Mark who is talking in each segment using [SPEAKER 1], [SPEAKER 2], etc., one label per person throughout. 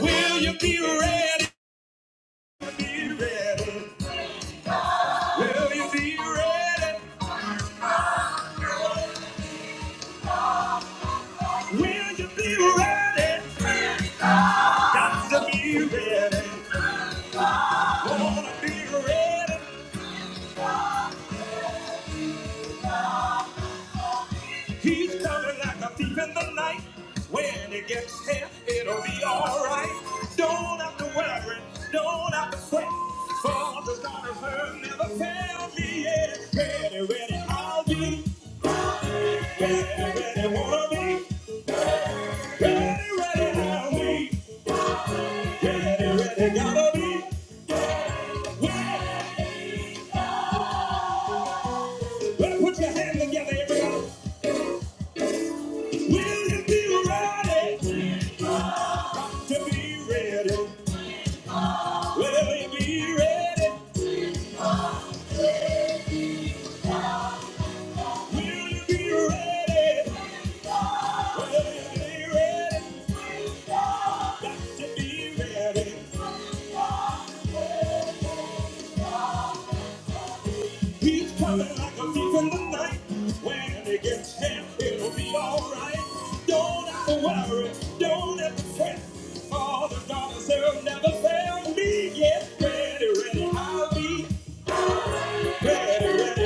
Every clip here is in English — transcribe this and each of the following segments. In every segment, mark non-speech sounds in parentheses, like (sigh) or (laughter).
[SPEAKER 1] Will you be ready? Be ready. Will you be ready? Will you be ready? Got to be ready. Wanna be ready. He's coming like a thief in the night. When he gets here, it'll be alright. Don't have to worry, don't have to sweat. Father's the God of her never failed me yet. Ready, ready, I'll be. Ready, ready, wanna be. Ready, ready, I'll be. They gotta be ready. Better put your hands together, everybody. Will you be ready to be ready? Will you be ready? Will you be ready? Will ready? Got to be ready. He's coming like a thief in the night. When he gets here, it'll be alright. Don't have to worry. Don't have to fret. All the daughters never failed me. yet. ready, ready. I'll be Oh, I'll be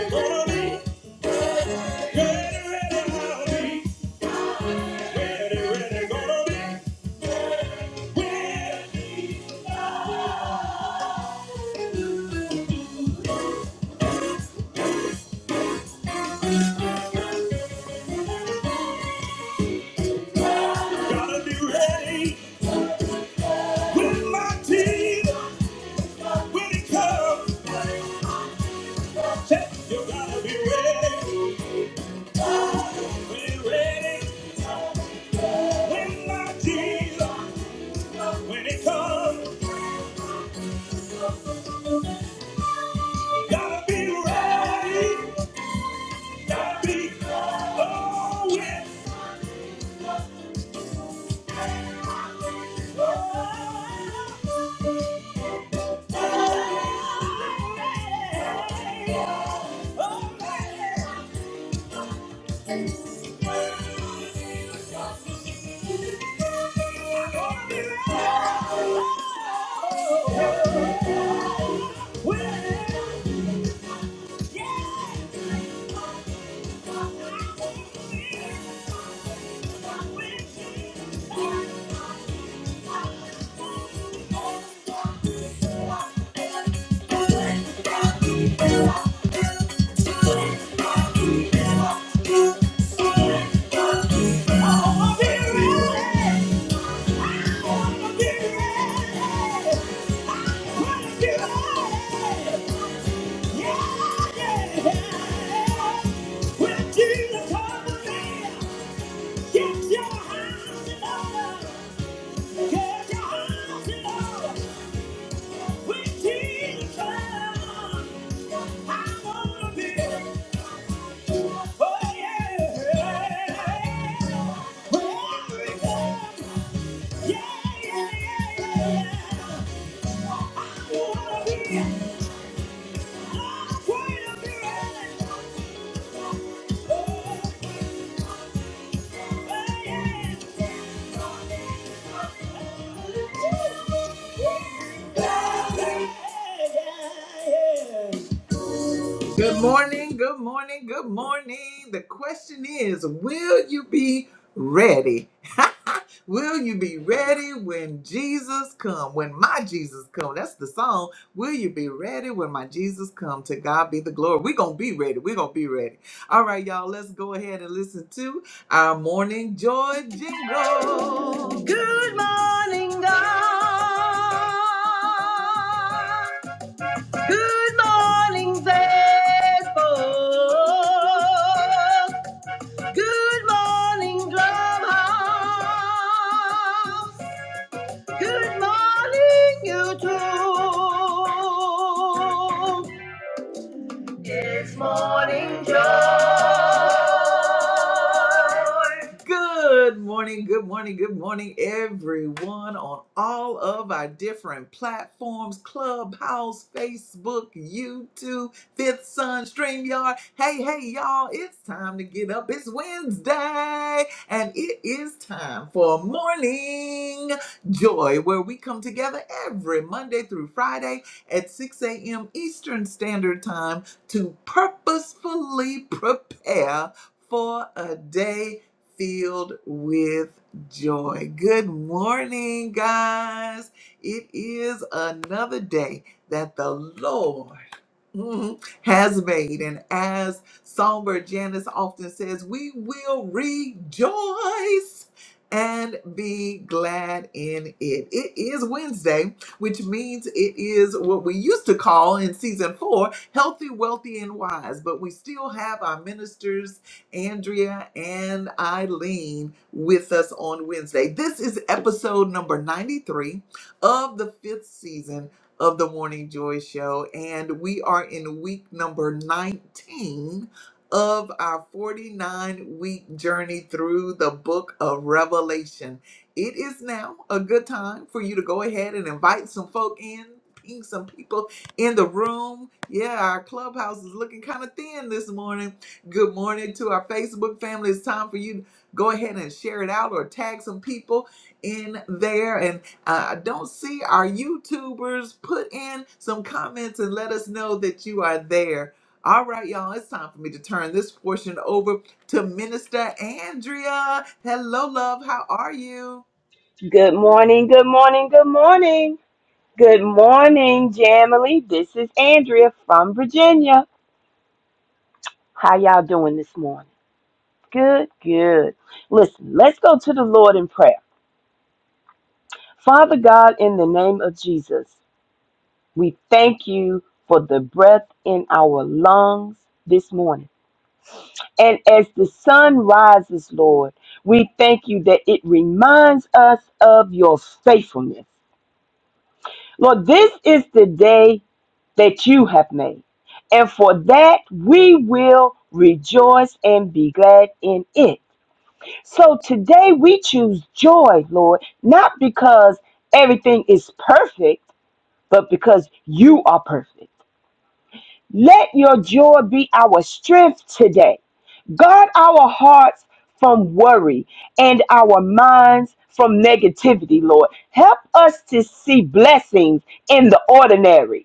[SPEAKER 1] ready. Oh, I'll be ready. Yeah. Good morning, good morning, good morning. The question is Will you be ready? Will you be ready when Jesus come? When my Jesus come? That's the song. Will you be ready when my Jesus come? To God be the glory. We're going to be ready. We're going to be ready. All right, y'all, let's go ahead and listen to our morning joy jingle. Good morning, God. Good morning, Facebook. Good morning, Clubhouse. Good morning, YouTube. Good morning, good morning, good morning, everyone on all of our different platforms Clubhouse, Facebook, YouTube, Fifth Sun, StreamYard. Hey, hey, y'all, it's time to get up. It's Wednesday, and it is time for Morning Joy, where we come together every Monday through Friday at 6 a.m. Eastern Standard Time to purposefully prepare for a day filled with joy. Good morning, guys. It is another day that the Lord Mhm. has made. And as Songbird Janice often says, we will rejoice and be glad in it. It is Wednesday, which means it is what we used to call in season four healthy, wealthy, and wise. But we still have our ministers, Andrea and Eileen, with us on Wednesday. This is episode number 93 of the fifth season of the Morning Joy Show, and we are in week number 19 of our 49 week journey through the book of Revelation. It is now a good time for you to go ahead and invite some folk in. Ping some people in the room. Yeah, our clubhouse is looking kind of thin this morning. Good morning to our Facebook family. It's time for you to go ahead and share it out or tag some people in there. Uh, I don't see our YouTubers. Put in some comments and let us know that you are there. All right, y'all, it's time for me to turn this portion over to Minister Andrea. Hello, love. How are you?
[SPEAKER 2] Good morning, good morning, good morning. Good morning, Jamily. This is Andrea from Virginia. How y'all doing this morning? Good, good. Listen, let's go to the Lord in prayer. Father God, in the name of Jesus, we thank you for the breath in our lungs this morning. And as the sun rises, Lord, we thank you that it reminds us of your faithfulness. Lord, this is the day that you have made. And for that we will rejoice and be glad in it. So today we choose joy, Lord, not because everything is perfect, but because you are perfect. Let your joy be our strength today. Guard our hearts from worry and our minds from negativity, Lord. Help us to see blessings in the ordinary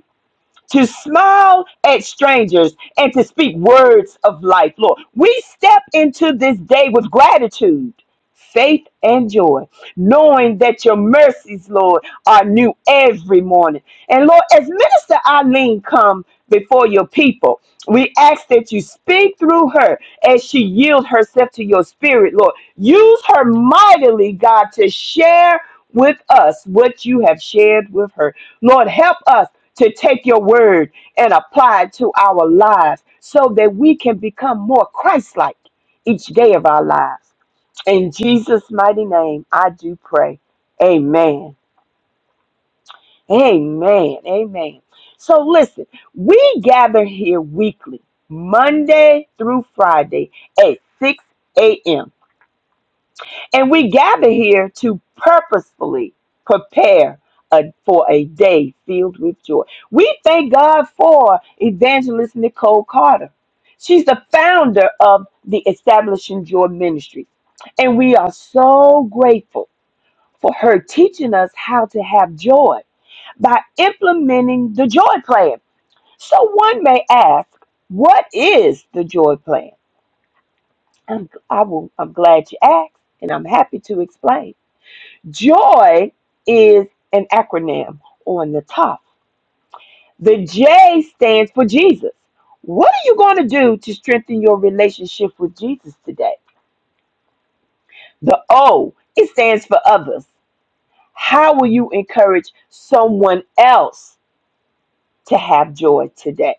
[SPEAKER 2] to smile at strangers and to speak words of life, Lord. We step into this day with gratitude faith and joy, knowing that your mercies, Lord, are new every morning. And Lord, as Minister Eileen come before your people, we ask that you speak through her as she yields herself to your spirit, Lord. Use her mightily, God, to share with us what you have shared with her. Lord, help us to take your word and apply it to our lives so that we can become more Christ like each day of our lives. In Jesus' mighty name, I do pray. Amen. Amen. Amen. So listen, we gather here weekly, Monday through Friday at 6 a.m. And we gather here to purposefully prepare a- for a day filled with joy. We thank God for Evangelist Nicole Carter. She's the founder of the Establishing Joy Ministry. And we are so grateful for her teaching us how to have joy by implementing the joy plan. So one may ask, what is the joy plan? I'm, I will, I'm glad you asked, and I'm happy to explain. Joy is an acronym on the top. The J stands for Jesus. What are you going to do to strengthen your relationship with Jesus today? The O, it stands for others. How will you encourage someone else to have joy today.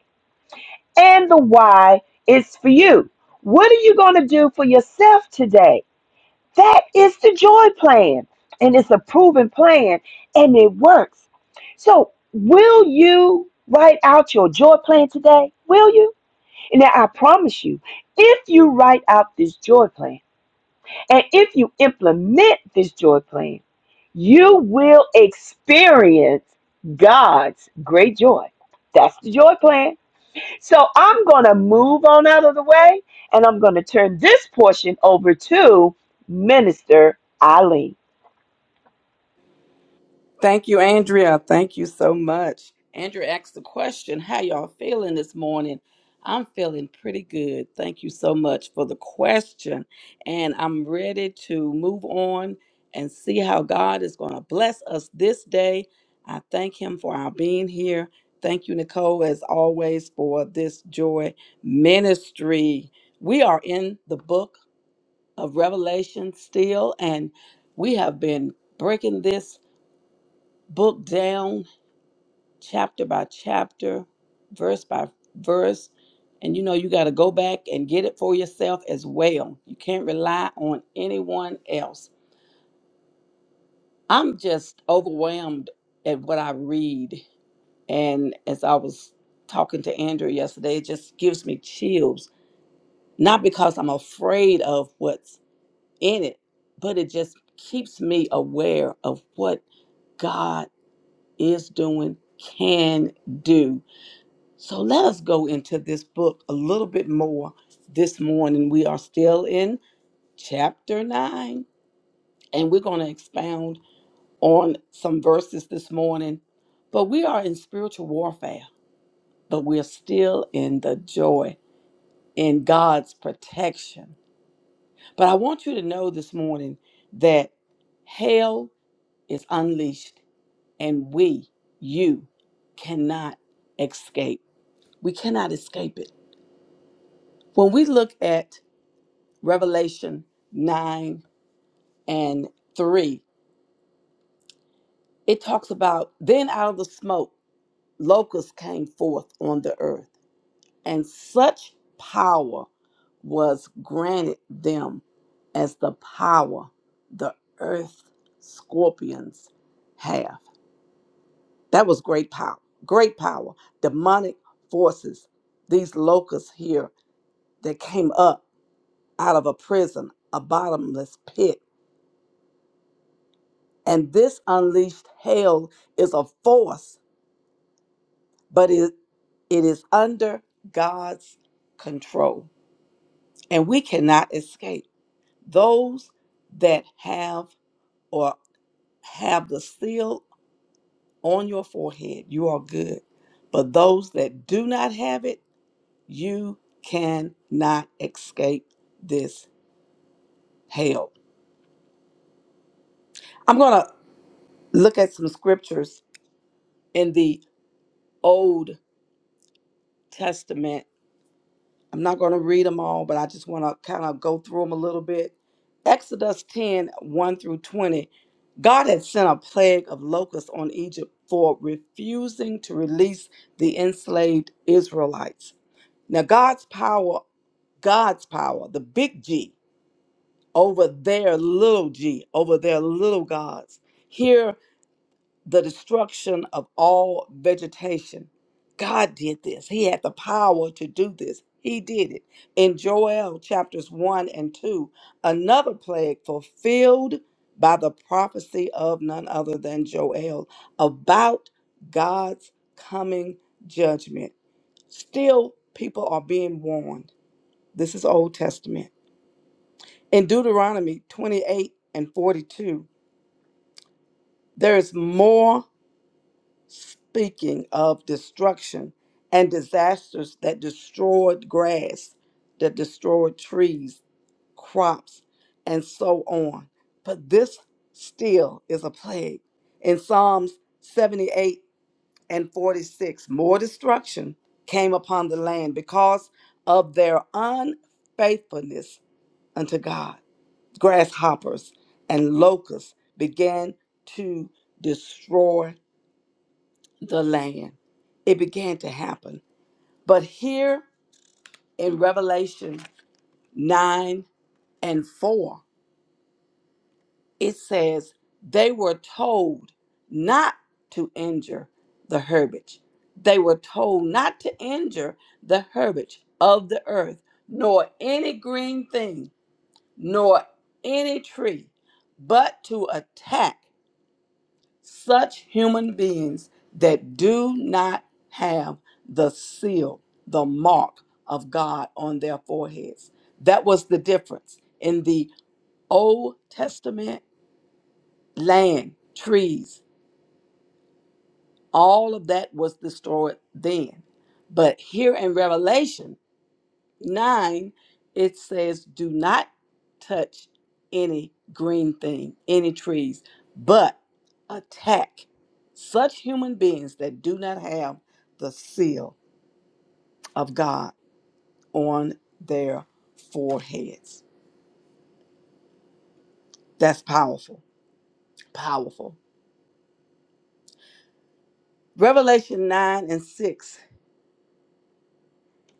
[SPEAKER 2] And the why is for you. What are you going to do for yourself today? That is the joy plan. And it's a proven plan and it works. So, will you write out your joy plan today? Will you? And now I promise you, if you write out this joy plan and if you implement this joy plan, you will experience God's great joy. That's the joy plan. So I'm going to move on out of the way and I'm going to turn this portion over to Minister Eileen.
[SPEAKER 3] Thank you, Andrea. Thank you so much. Andrea asked the question, how y'all feeling this morning? I'm feeling pretty good. Thank you so much for the question. And I'm ready to move on and see how God is going to bless us this day. I thank Him for our being here. Thank you, Nicole, as always, for this joy ministry. We are in the book of Revelation still, and we have been breaking this book down, chapter by chapter, verse by verse. And you know, you got to go back and get it for yourself as well. You can't rely on anyone else. I'm just overwhelmed at what I read. And as I was talking to Andrew yesterday, it just gives me chills. Not because I'm afraid of what's in it, but it just keeps me aware of what God is doing, can do So let us go into this book a little bit more this morning. We are still in chapter 9, and we're going to expound on some verses this morning. But we are in spiritual warfare, but we're still in the joy in God's protection. But I want you to know this morning that hell is unleashed, and we, you, cannot escape. We cannot escape it. When we look at Revelation 9 and 3. It talks about then out of the smoke, locusts came forth on the earth, and such power was granted them as the power the earth scorpions have. That was great power, great power. Demonic forces, these locusts here that came up out of a prison, a bottomless pit And this unleashed hail is a force, but it, it is under God's control. And we cannot escape. Those that have or have the seal on your forehead, you are good. But those that do not have it, you cannot escape this hail. I'm going to look at some scriptures in the Old Testament I'm not going to read them all, but I just want to kind of go through them a little bit. Exodus 10 one through 20. God had sent a plague of locusts on Egypt for refusing to release the enslaved Israelites. Now, God's power, God's power, the big G over their little g, over their little gods. Here the destruction of all vegetation. God did this. He had the power to do this. He did it. In Joel chapters 1 and 2, another plague fulfilled by the prophecy of none other than Joel about God's coming judgment. Still, people are being warned. This is Old Testament. In Deuteronomy 28 and 42, there is more speaking of destruction and disasters that destroyed grass, that destroyed trees, crops, and so on. But this still is a plague. In Psalms 78 and 46, more destruction came upon the land because of their unfaithfulness unto God. Grasshoppers and locusts began to destroy the land. It began to happen. But here in Revelation 9 and 4, it says, They were told not to injure the herbage. They were told not to injure the herbage of the earth, nor any green thing, nor any tree, but to attack. such human beings that do not have the seal, the mark of God on their foreheads. That was the difference in the Old Testament land, trees, all of that was destroyed then. But here in Revelation, 9, it says, Do not touch any green thing, any trees, but attack such human beings that do not have the seal of God on their foreheads. That's powerful. Powerful. Revelation 9 and 6.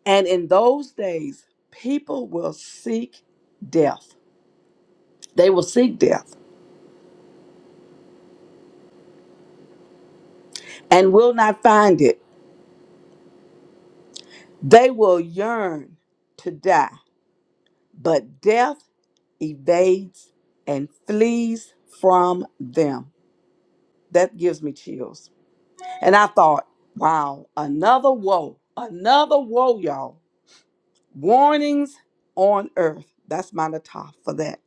[SPEAKER 3] And in those days, people will seek death. They will seek death and will not find it They will yearn to die, but death evades and flees from them. That gives me chills. And I thought, wow, another woe, another woe, y'all. Warnings on earth. That's my top for that.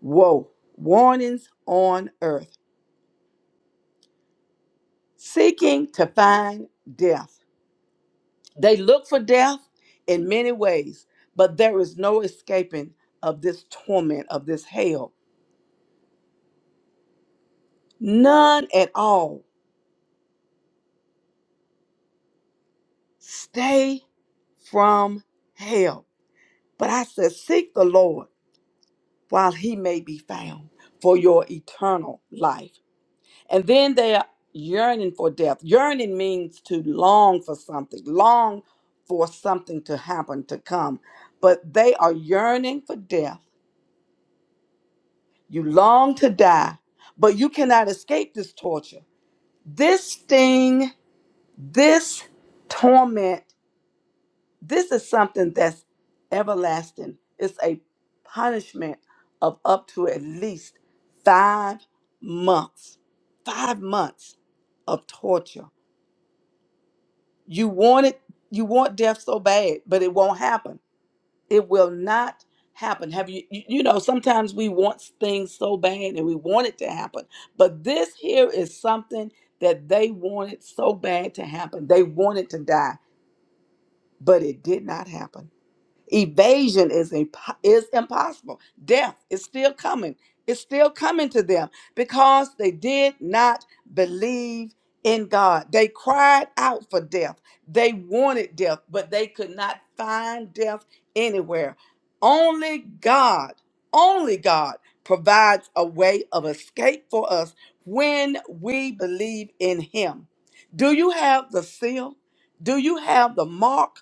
[SPEAKER 3] Woe, warnings on earth. Seeking to find death. They look for death in many ways, but there is no escaping of this torment, of this hell None at all. Stay from hell. But I said, Seek the Lord while he may be found for your eternal life. And then they are yearning for death. Yearning means to long for something, long for something to happen, to come. But they are yearning for death. You long to die, but you cannot escape this torture. This sting, this torment This is something that's everlasting. It's a punishment of up to at least five months. Five months of torture. You want it, you want death so bad, but it won't happen. It will not happen. Have you you you know, sometimes we want things so bad and we want it to happen. But this here is something that they wanted so bad to happen. They wanted to die, but it did not happen. Evasion is imp- is impossible. Death is still coming. It's still coming to them because they did not believe in God. They cried out for death. They wanted death, but they could not find death anywhere. Only God, only God provides a way of escape for us when we believe in Him. Do you have the seal? Do you have the mark?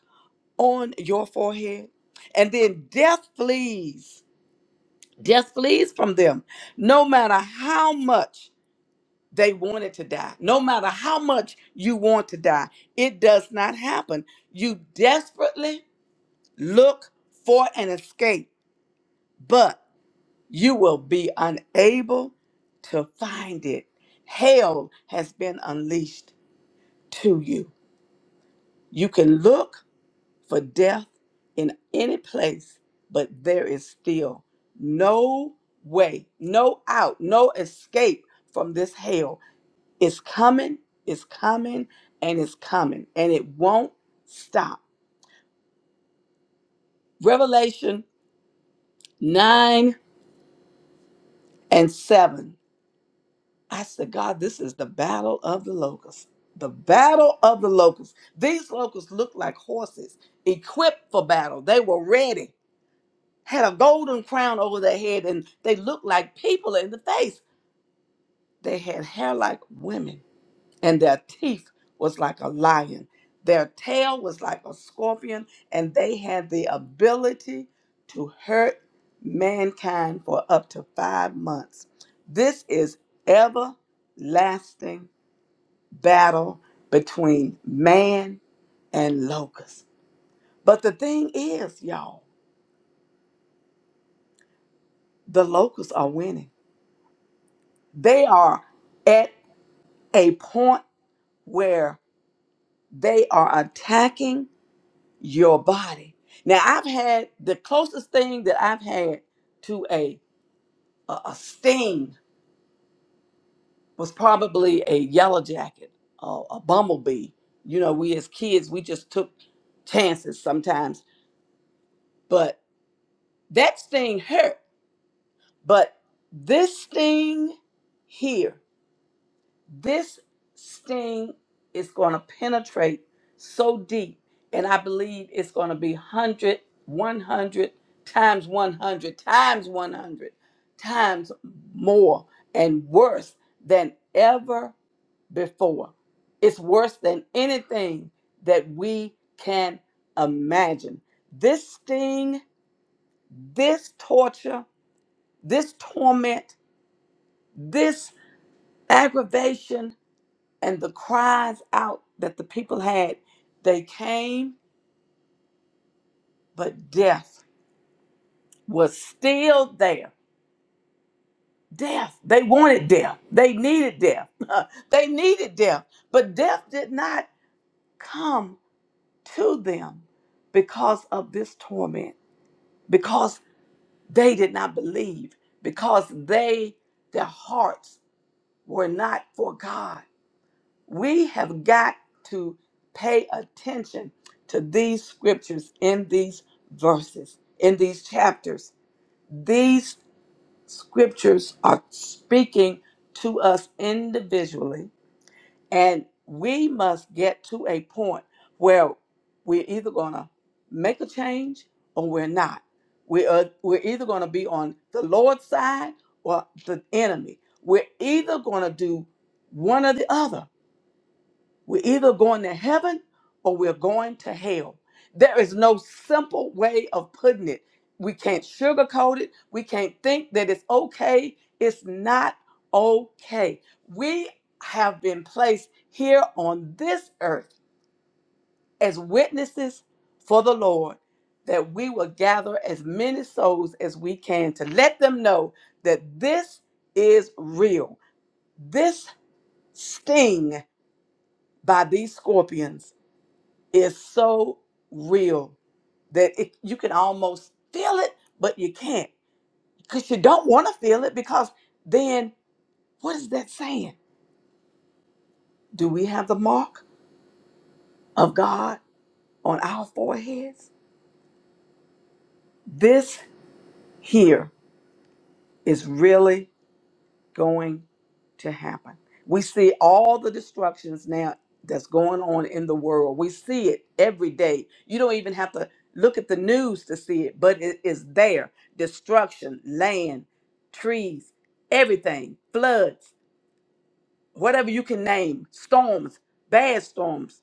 [SPEAKER 3] on your forehead. And then death flees. Death flees from them. No matter how much they wanted to die, no matter how much you want to die, it does not happen. You desperately look for an escape, but you will be unable to find it. Hell has been unleashed to you. You can look for death in any place, but there is still no way, no out, no escape from this hell. It's coming, it's coming, and it's coming, and it won't stop. Revelation 9 and 7. I said, God, this is the battle of the locusts. The battle of the locusts. These locusts looked like horses equipped for battle. They were ready. had a golden crown over their head and they looked like people in the face. They had hair like women and their teeth was like a lion. Their tail was like a scorpion and they had the ability to hurt mankind for up to 5 months. This is everlasting battle between man and locusts. But the thing is, y'all, the locusts are winning. They are at a point where they are attacking your body. Now, I've had the closest thing that I've had to a a, a sting was probably a yellow jacket, uh, a bumblebee. You know, we as kids we just took chances sometimes, but that sting hurt. But this sting here this sting is going to penetrate so deep and i believe it's going to be 100, 100 times 100 times 100 times more and worse than ever before it's worse than anything that we can imagine this sting this torture this torment this aggravation and the cries out that the people had, they came, but death was still there. Death. They wanted death. They needed death. (laughs) they needed death. But death did not come to them because of this torment, because they did not believe, because they, their hearts were not for God. We have got to pay attention to these scriptures in these verses, in these chapters. These scriptures are speaking to us individually, and we must get to a point where we're either going to make a change or we're not. We are, we're either going to be on the Lord's side or the enemy. We're either going to do one or the other we're either going to heaven or we're going to hell. There is no simple way of putting it. We can't sugarcoat it. We can't think that it's okay. It's not okay. We have been placed here on this earth as witnesses for the Lord that we will gather as many souls as we can to let them know that this is real. This sting by these scorpions is so real that it, you can almost feel it, but you can't because you don't want to feel it. Because then, what is that saying? Do we have the mark of God on our foreheads? This here is really going. to happen. We see all the destructions now that's going on in the world. We see it every day. You don't even have to look at the news to see it, but it is there. Destruction, land, trees, everything, floods, whatever you can name, storms, bad storms,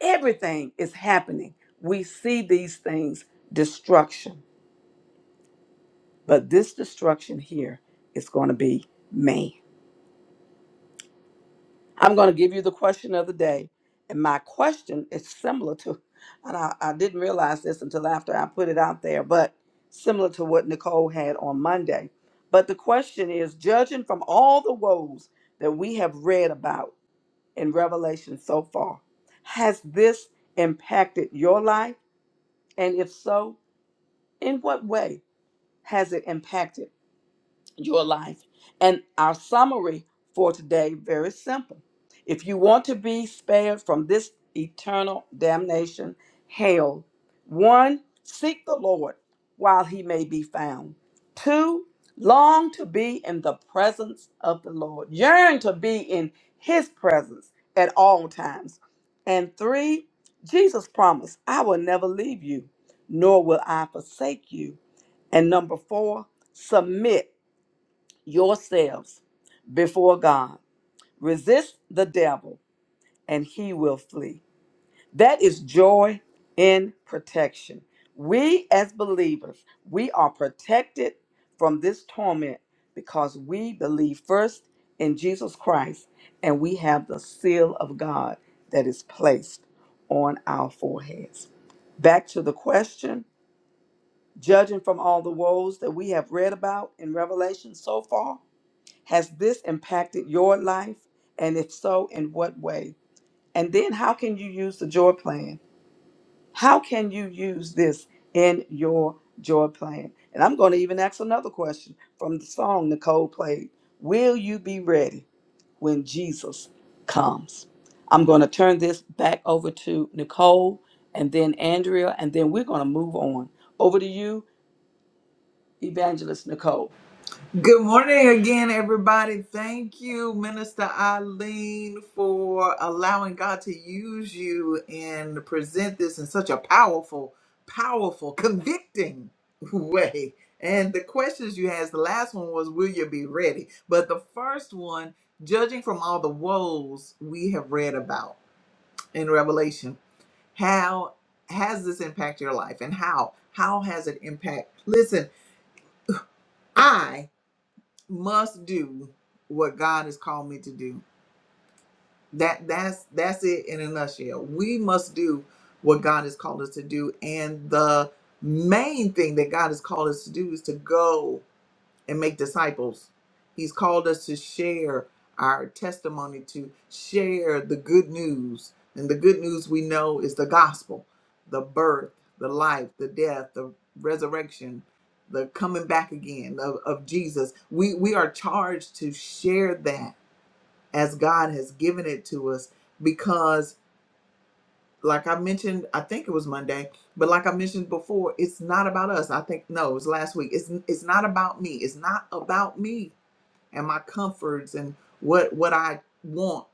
[SPEAKER 3] everything is happening. We see these things, destruction. But this destruction here is going to be man. I'm going to give you the question of the day. And my question is similar to, and I, I didn't realize this until after I put it out there, but similar to what Nicole had on Monday. But the question is judging from all the woes that we have read about in Revelation so far, has this impacted your life? And if so, in what way has it impacted? your life. And our summary for today very simple. If you want to be spared from this eternal damnation, hell, one, seek the Lord while he may be found. Two, long to be in the presence of the Lord. Yearn to be in his presence at all times. And three, Jesus promised, I will never leave you, nor will I forsake you. And number four, submit yourselves before God. Resist the devil, and he will flee. That is joy in protection. We, as believers, we are protected from this torment because we believe first in Jesus Christ and we have the seal of God that is placed on our foreheads. Back to the question judging from all the woes that we have read about in Revelation so far, has this impacted your life? And if so, in what way? And then how can you use the joy plan? How can you use this in your joy plan? And I'm going to even ask another question from the song Nicole played Will you be ready when Jesus comes? I'm going to turn this back over to Nicole and then Andrea, and then we're going to move on. Over to you, Evangelist Nicole.
[SPEAKER 1] Good morning again, everybody. Thank you, Minister Eileen, for allowing God to use you and present this in such a powerful, powerful, convicting way. And the questions you asked, the last one was, Will you be ready? But the first one, judging from all the woes we have read about in Revelation, how has this impacted your life and how? How has it impact? Listen, must do what God has called me to do. That that's that's it in a nutshell. We must do what God has called us to do, and the main thing that God has called us to do is to go and make disciples. He's called us to share our testimony, to share the good news. And the good news we know is the gospel the birth, the life, the death, the resurrection, the coming back again of, of Jesus. We, we are charged to share that as God has given it to us because, like I mentioned, I think it was Monday, but like I mentioned before, it's not about us. I think, no, it was last week. It's, it's not about me. It's not about me and my comforts and what what I want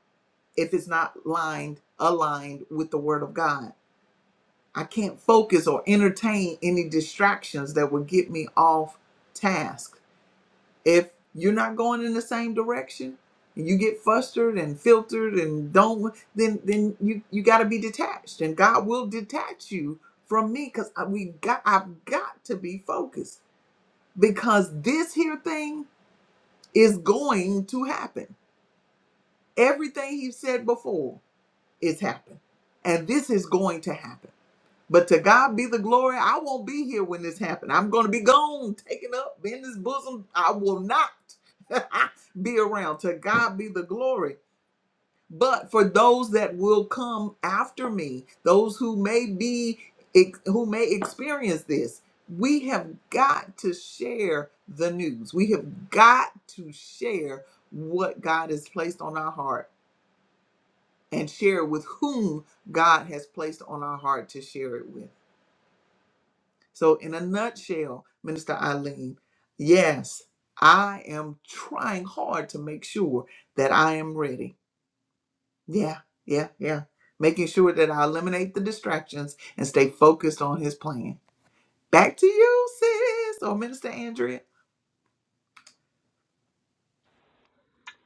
[SPEAKER 1] if it's not lined aligned with the word of God. I can't focus or entertain any distractions that would get me off task. If you're not going in the same direction, and you get flustered and filtered and don't then then you you got to be detached and God will detach you from me cuz we got I've got to be focused because this here thing is going to happen Everything he said before is happened. And this is going to happen. But to God be the glory. I won't be here when this happened. I'm going to be gone, taken up in his bosom. I will not (laughs) be around. To God be the glory. But for those that will come after me, those who may be who may experience this, we have got to share the news. We have got to share what God has placed on our heart and share it with whom God has placed on our heart to share it with. So, in a nutshell, Minister Eileen, yes, I am trying hard to make sure that I am ready. Yeah, yeah, yeah. Making sure that I eliminate the distractions and stay focused on his plan. Back to you, sis, or Minister Andrea.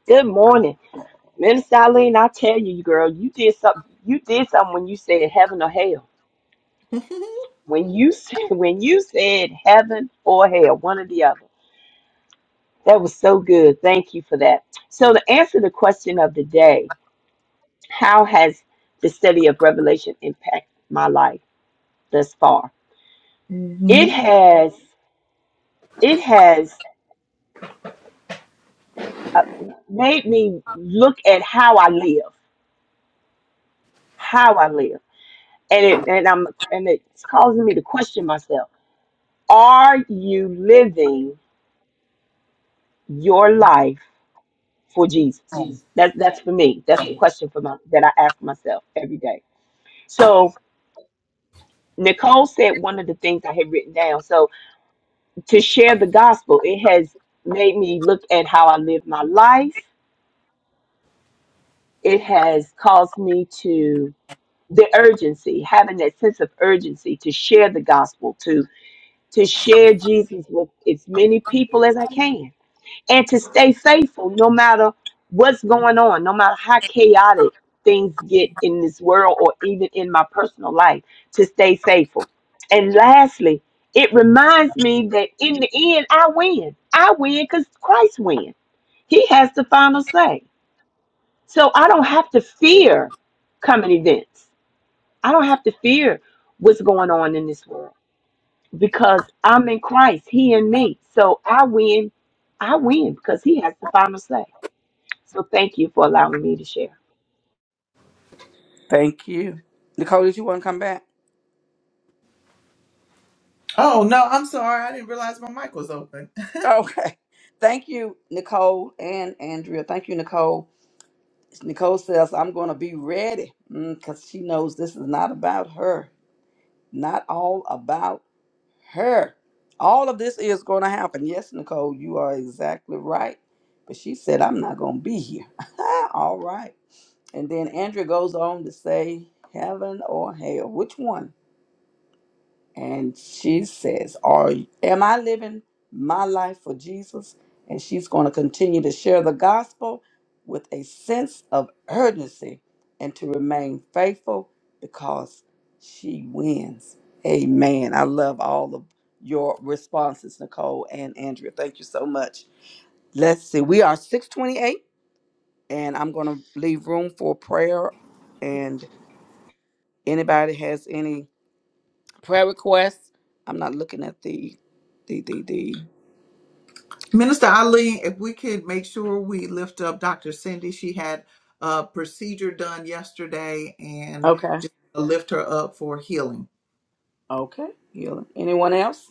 [SPEAKER 2] Good morning. Minister Eileen, I tell you, girl, you did something you did something when you said heaven or hell.
[SPEAKER 1] (laughs)
[SPEAKER 2] When you (laughs) said when you said heaven or hell, one or the other. That was so good. Thank you for that. So to answer the question of the day, how has the study of Revelation impacted my life thus far? It
[SPEAKER 1] hmm
[SPEAKER 2] has it has uh, made me look at how I live, how I live, and it and I'm and it's causing me to question myself. Are you living your life for Jesus? That's that's for me. That's the question for my that I ask myself every day. So Nicole said one of the things I had written down. So to share the gospel, it has made me look at how I live my life. It has caused me to the urgency, having that sense of urgency to share the gospel, to to share Jesus with as many people as I can, and to stay faithful no matter what's going on, no matter how chaotic things get in this world or even in my personal life, to stay faithful. And lastly, it reminds me that in the end, I win. I win because Christ wins. He has the final say. So I don't have to fear coming events. I don't have to fear what's going on in this world because I'm in Christ, He and me. So I win. I win because He has the final say. So thank you for allowing me to share.
[SPEAKER 3] Thank you. Nicole, did you want to come back?
[SPEAKER 1] Oh, no, I'm sorry. I didn't realize my mic was open. (laughs)
[SPEAKER 3] Okay. Thank you, Nicole and Andrea. Thank you, Nicole. Nicole says, I'm going to be ready because she knows this is not about her, not all about her. All of this is going to happen. Yes, Nicole, you are exactly right. But she said, I'm not going to be here. (laughs) all right. And then Andrea goes on to say, Heaven or hell? Which one? And she says, Are am I living my life for Jesus? And she's going to continue to share the gospel with a sense of urgency and to remain faithful because she wins. Amen. I love all of your responses, Nicole and Andrea. Thank you so much. Let's see. We are 628, and I'm going to leave room for prayer. And anybody has any prayer requests. I'm not looking at the the the the.
[SPEAKER 1] Minister Eileen, if we could make sure we lift up Dr. Cindy, she had a procedure done yesterday and
[SPEAKER 3] Okay.
[SPEAKER 1] just lift her up for healing.
[SPEAKER 3] Okay. Yeah. Anyone else?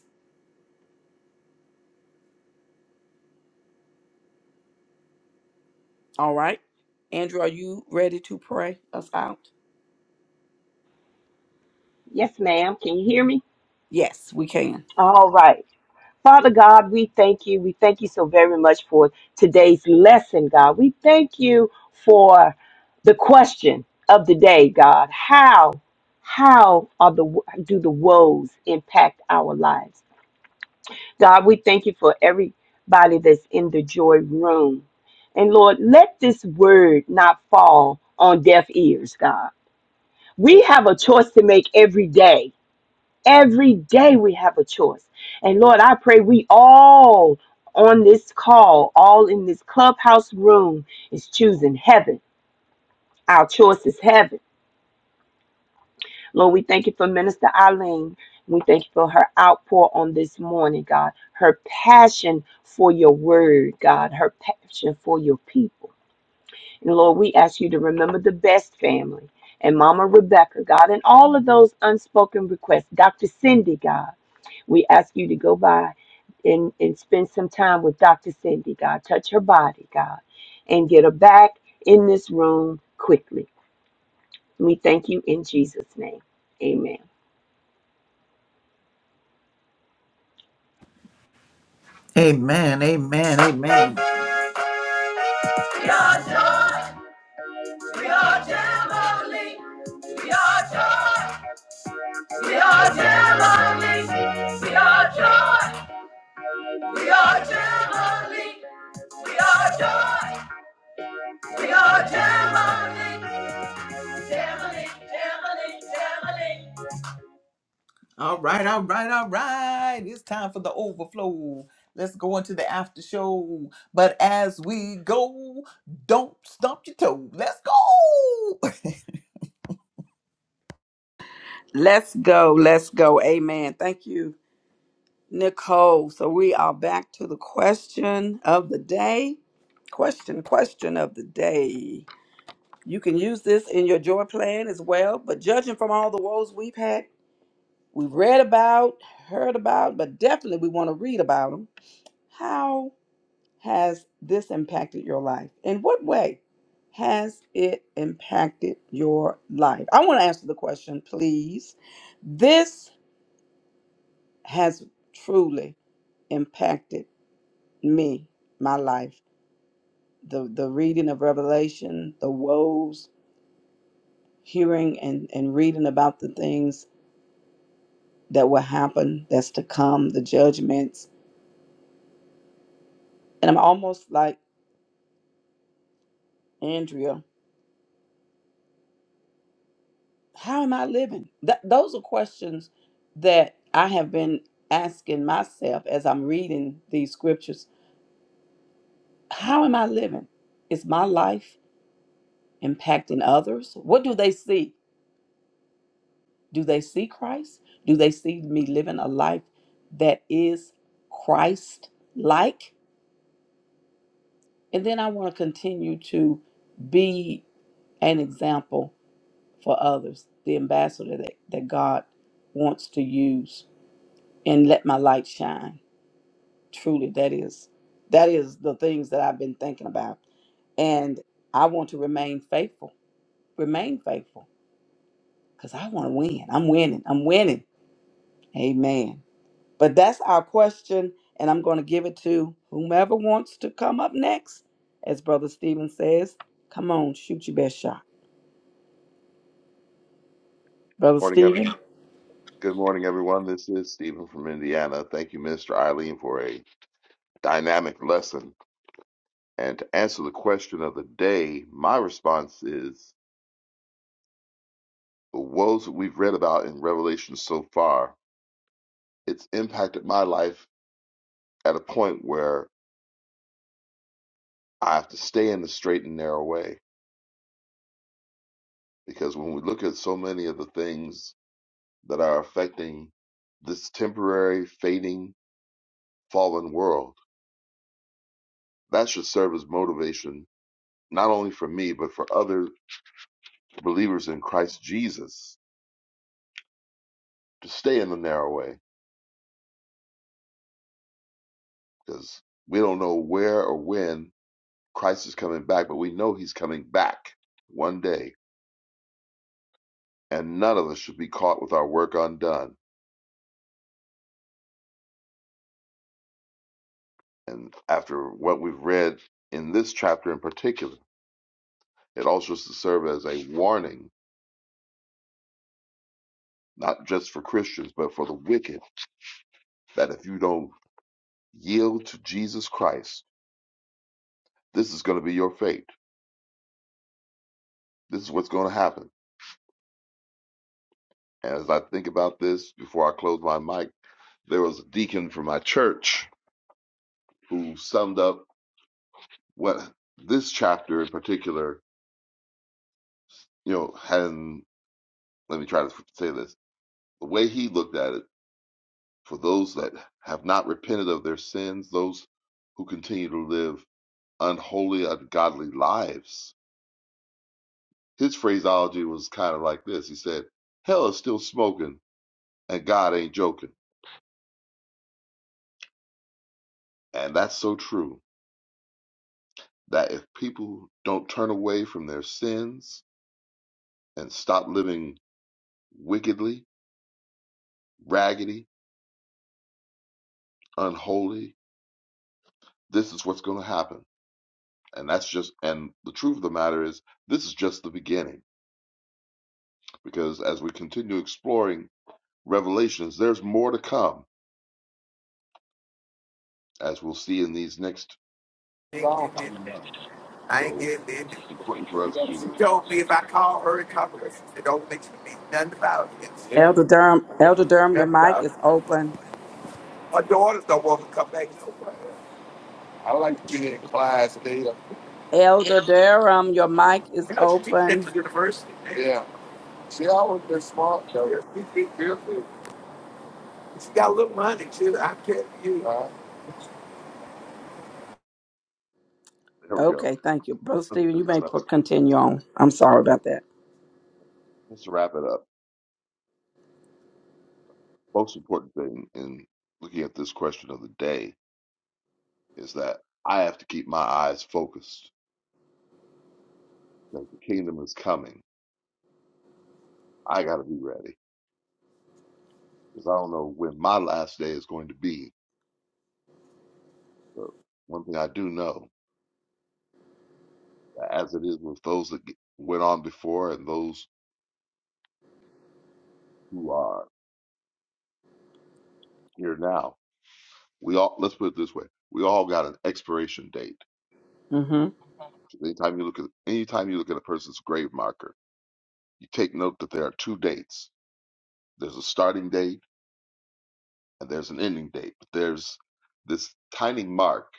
[SPEAKER 3] All right. Andrew, are you ready to pray us out?
[SPEAKER 2] Yes, ma'am. Can you hear me?
[SPEAKER 3] Yes, we can.
[SPEAKER 2] All right. Father God, we thank you. We thank you so very much for today's lesson, God. We thank you for the question of the day, God. How, how are the do the woes impact our lives? God, we thank you for everybody that's in the joy room. And Lord, let this word not fall on deaf ears, God. We have a choice to make every day. Every day we have a choice. And Lord, I pray we all on this call, all in this clubhouse room, is choosing heaven. Our choice is heaven. Lord, we thank you for Minister Eileen. We thank you for her outpour on this morning, God. Her passion for your word, God. Her passion for your people. And Lord, we ask you to remember the best family and Mama Rebecca, God, and all of those unspoken requests. Dr. Cindy, God, we ask you to go by and, and spend some time with Dr. Cindy, God. Touch her body, God, and get her back in this room quickly. We thank you in Jesus' name. Amen.
[SPEAKER 1] Amen, amen, amen. We are joy, we are jubilee. We are joy, we are jubilee. We are joy, we are jubilee. We are joy, we are jubilee. Jubilee, jubilee, jubilee. All right, all right, all right. It's time for the overflow. Let's go into the after show. But as we go, don't stomp your toe. Let's go. (laughs)
[SPEAKER 3] Let's go. Let's go. Amen. Thank you, Nicole. So we are back to the question of the day. Question, question of the day. You can use this in your joy plan as well, but judging from all the woes we've had, we've read about, heard about, but definitely we want to read about them. How has this impacted your life? In what way has it impacted your life? I want to answer the question, please. This has truly impacted me, my life. The, the reading of Revelation, the woes, hearing and, and reading about the things that will happen, that's to come, the judgments. And I'm almost like Andrea How am I living? Th- those are questions that I have been asking myself as I'm reading these scriptures. How am I living? Is my life impacting others? What do they see? Do they see Christ? Do they see me living a life that is Christ like? And then I want to continue to be an example for others, the ambassador that, that God wants to use, and let my light shine. Truly, that is that is the things that I've been thinking about. And I want to remain faithful. Remain faithful. Because I want to win. I'm winning. I'm winning. Amen. But that's our question. And I'm going to give it to whomever wants to come up next. As Brother Stephen says, come on, shoot your best shot. Brother
[SPEAKER 4] Morning, ev-
[SPEAKER 3] Stephen.
[SPEAKER 4] good morning, everyone. This is Stephen from Indiana. Thank you, Mr. Eileen, for a dynamic lesson. And to answer the question of the day, my response is the woes that we've read about in Revelation so far, it's impacted my life at a point where I have to stay in the straight and narrow way. Because when we look at so many of the things that are affecting this temporary, fading, fallen world, that should serve as motivation, not only for me, but for others believers in Christ Jesus to stay in the narrow way because we don't know where or when Christ is coming back, but we know he's coming back one day. And none of us should be caught with our work undone. And after what we've read in this chapter in particular, it also is to serve as a warning, not just for Christians, but for the wicked, that if you don't yield to Jesus Christ, this is going to be your fate. This is what's going to happen. And as I think about this before I close my mic, there was a deacon from my church who summed up what this chapter in particular, you know, and let me try to say this the way he looked at it for those that have not repented of their sins, those who continue to live unholy, ungodly lives. His phraseology was kind of like this He said, Hell is still smoking, and God ain't joking. And that's so true that if people don't turn away from their sins and stop living wickedly, raggedy, unholy. This is what's going to happen. And that's just, and the truth of the matter is, this is just the beginning. Because as we continue exploring Revelations, there's more to come, as we'll see in these next
[SPEAKER 5] ain't getting it.
[SPEAKER 4] few months.
[SPEAKER 5] I ain't
[SPEAKER 4] So
[SPEAKER 5] getting it.
[SPEAKER 4] it's important for us
[SPEAKER 5] She
[SPEAKER 4] to,
[SPEAKER 5] told me if I call her and talk to her, she said, don't mention me. Nothing about it. Yeah.
[SPEAKER 3] Elder Durham, Elder Durham, your
[SPEAKER 5] Nothing
[SPEAKER 3] mic
[SPEAKER 5] about
[SPEAKER 3] is
[SPEAKER 5] it.
[SPEAKER 3] open.
[SPEAKER 5] My daughters don't want to come back nowhere. I like to be in class, Data.
[SPEAKER 3] Elder Durham, your mic is
[SPEAKER 5] You know, she teaches at
[SPEAKER 3] open.
[SPEAKER 5] the university. Yeah. She always been smart, though. Yeah, she teaches real good. She got a little money, too. I tell you.
[SPEAKER 4] there we go.
[SPEAKER 3] Okay, thank you. Brother Stephen, you may pro- continue on. I'm sorry about that.
[SPEAKER 4] Just to wrap it up, most important thing in looking at this question of the day is that I have to keep my eyes focused because the kingdom is coming. I got to be ready. because I don't know when my last day is going to be. But one thing I do know, that as it is with those that get- went on before and those who are here now, we all let's put it this way: we all got an expiration date.
[SPEAKER 3] hmm
[SPEAKER 4] 'Cause Anytime you look at anytime you look at a person's grave marker, you take note that there are two dates. There's a starting date and there's an ending date. But there's this tiny mark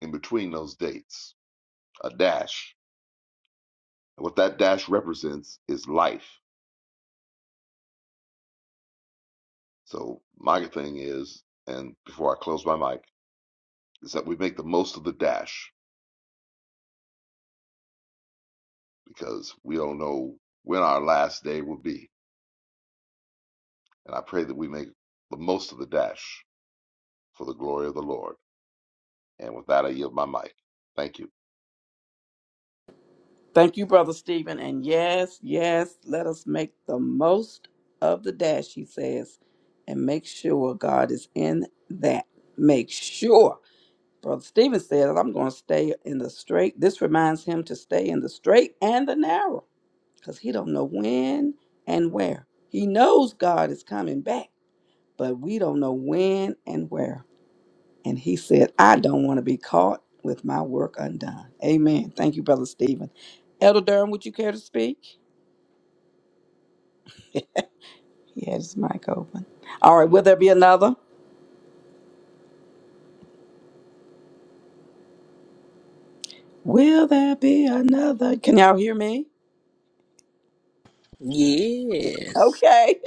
[SPEAKER 4] in between those dates, a dash. And what that dash represents is life So my thing is, and before I close my mic, is that we make the most of the dash because we don't know when our last day will be. And I pray that we make the most of the dash for the glory of the Lord. And with that, I yield my mic. Thank you.
[SPEAKER 3] Thank you, Brother Stephen. And yes, yes, let us make the most of the dash, he says, and make sure God is in that. Make sure. Brother Stephen says, I'm going to stay in the straight. This reminds him to stay in the straight and the narrow because he don't know when and where. He knows God is coming back, but we don't know when and where. And he said, I don't want to be caught with my work undone. Amen. Thank you, Brother Stephen. Elder Durham, would you care to speak? (laughs) He had his mic open. All right, will there be another? Will there be another? Can y'all hear me?
[SPEAKER 6] Yes.
[SPEAKER 3] Okay.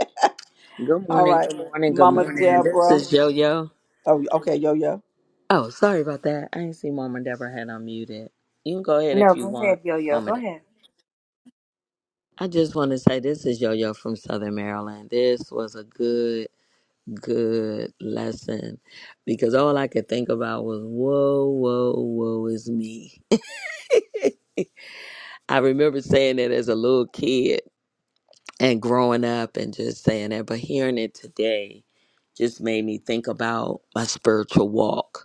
[SPEAKER 6] Good
[SPEAKER 3] (laughs) All
[SPEAKER 6] morning,
[SPEAKER 3] right.
[SPEAKER 6] good morning, good
[SPEAKER 3] Mama
[SPEAKER 6] morning. This
[SPEAKER 3] Deborah.
[SPEAKER 6] is Yo Yo.
[SPEAKER 3] Oh, okay, yo yo.
[SPEAKER 6] Oh, sorry about that. I didn't see Mama Deborah had unmuted. You can go ahead if
[SPEAKER 7] No,
[SPEAKER 6] you
[SPEAKER 7] go ahead,
[SPEAKER 6] want,
[SPEAKER 7] Yo Yo.
[SPEAKER 6] Mama
[SPEAKER 7] Go
[SPEAKER 6] Deborah.
[SPEAKER 7] ahead.
[SPEAKER 6] I just want to say this is Yo Yo from Southern Maryland. This was a good, good lesson because all I could think about was, whoa, whoa, whoa is me. (laughs) I remember saying that as a little kid and growing up and just saying that, but hearing it today just made me think about my spiritual walk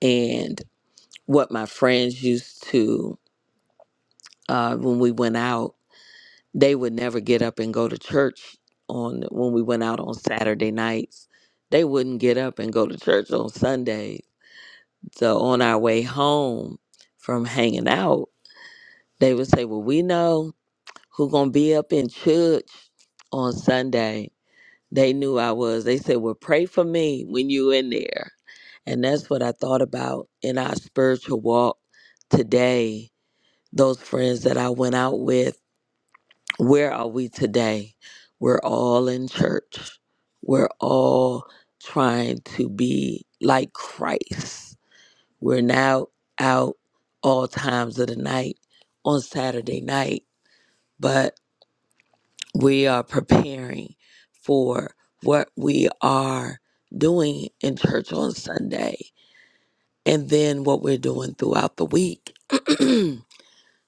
[SPEAKER 6] and what my friends used to uh, when we went out they would never get up and go to church on when we went out on saturday nights they wouldn't get up and go to church on sunday so on our way home from hanging out they would say well we know who gonna be up in church on sunday they knew i was they said well pray for me when you in there and that's what i thought about in our spiritual walk today those friends that I went out with, where are we today? We're all in church. We're all trying to be like Christ. We're now out all times of the night on Saturday night, but we are preparing for what we are doing in church on Sunday and then what we're doing throughout the week. (clears throat)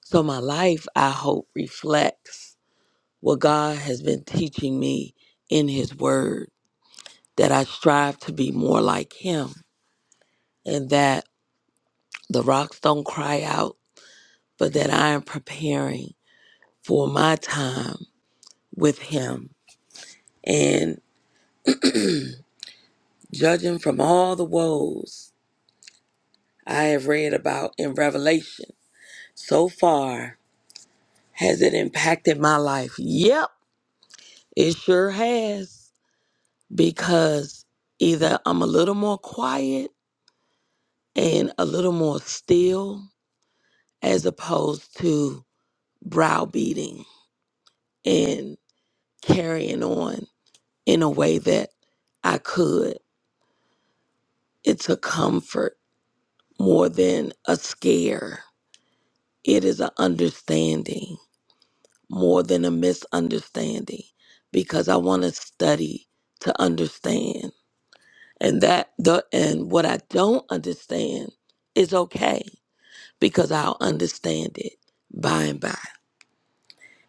[SPEAKER 6] so my life, I hope, reflects what God has been teaching me in His Word, that I strive to be more like Him, and that the rocks don't cry out, but that I am preparing for my time with Him. And judging from all the woes I have read about in Revelation so far, has it impacted my life? Yep, it sure has. Because either I'm a little more quiet and a little more still as opposed to browbeating and carrying on in a way that I could. It's a comfort more than a scare. It is an understanding more than a misunderstanding because I want to study to understand. And that the and what I don't understand is okay because I'll understand it by and by.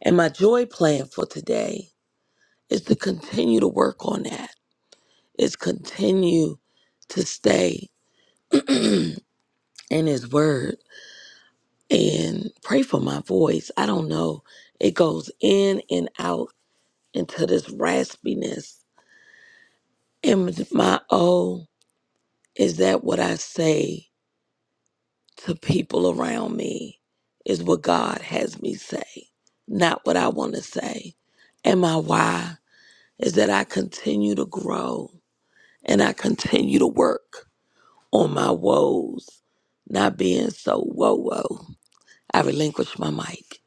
[SPEAKER 6] And my joy plan for today is to continue to work on that, is continue to stay in His Word and pray for my voice. I don't know. It goes in and out into this raspiness. And my oh, is that what I say to people around me? Is what God has me say, not what I want to say. And my why is that I continue to grow and I continue to work. on my woes not being so woe woe. I relinquish my mic.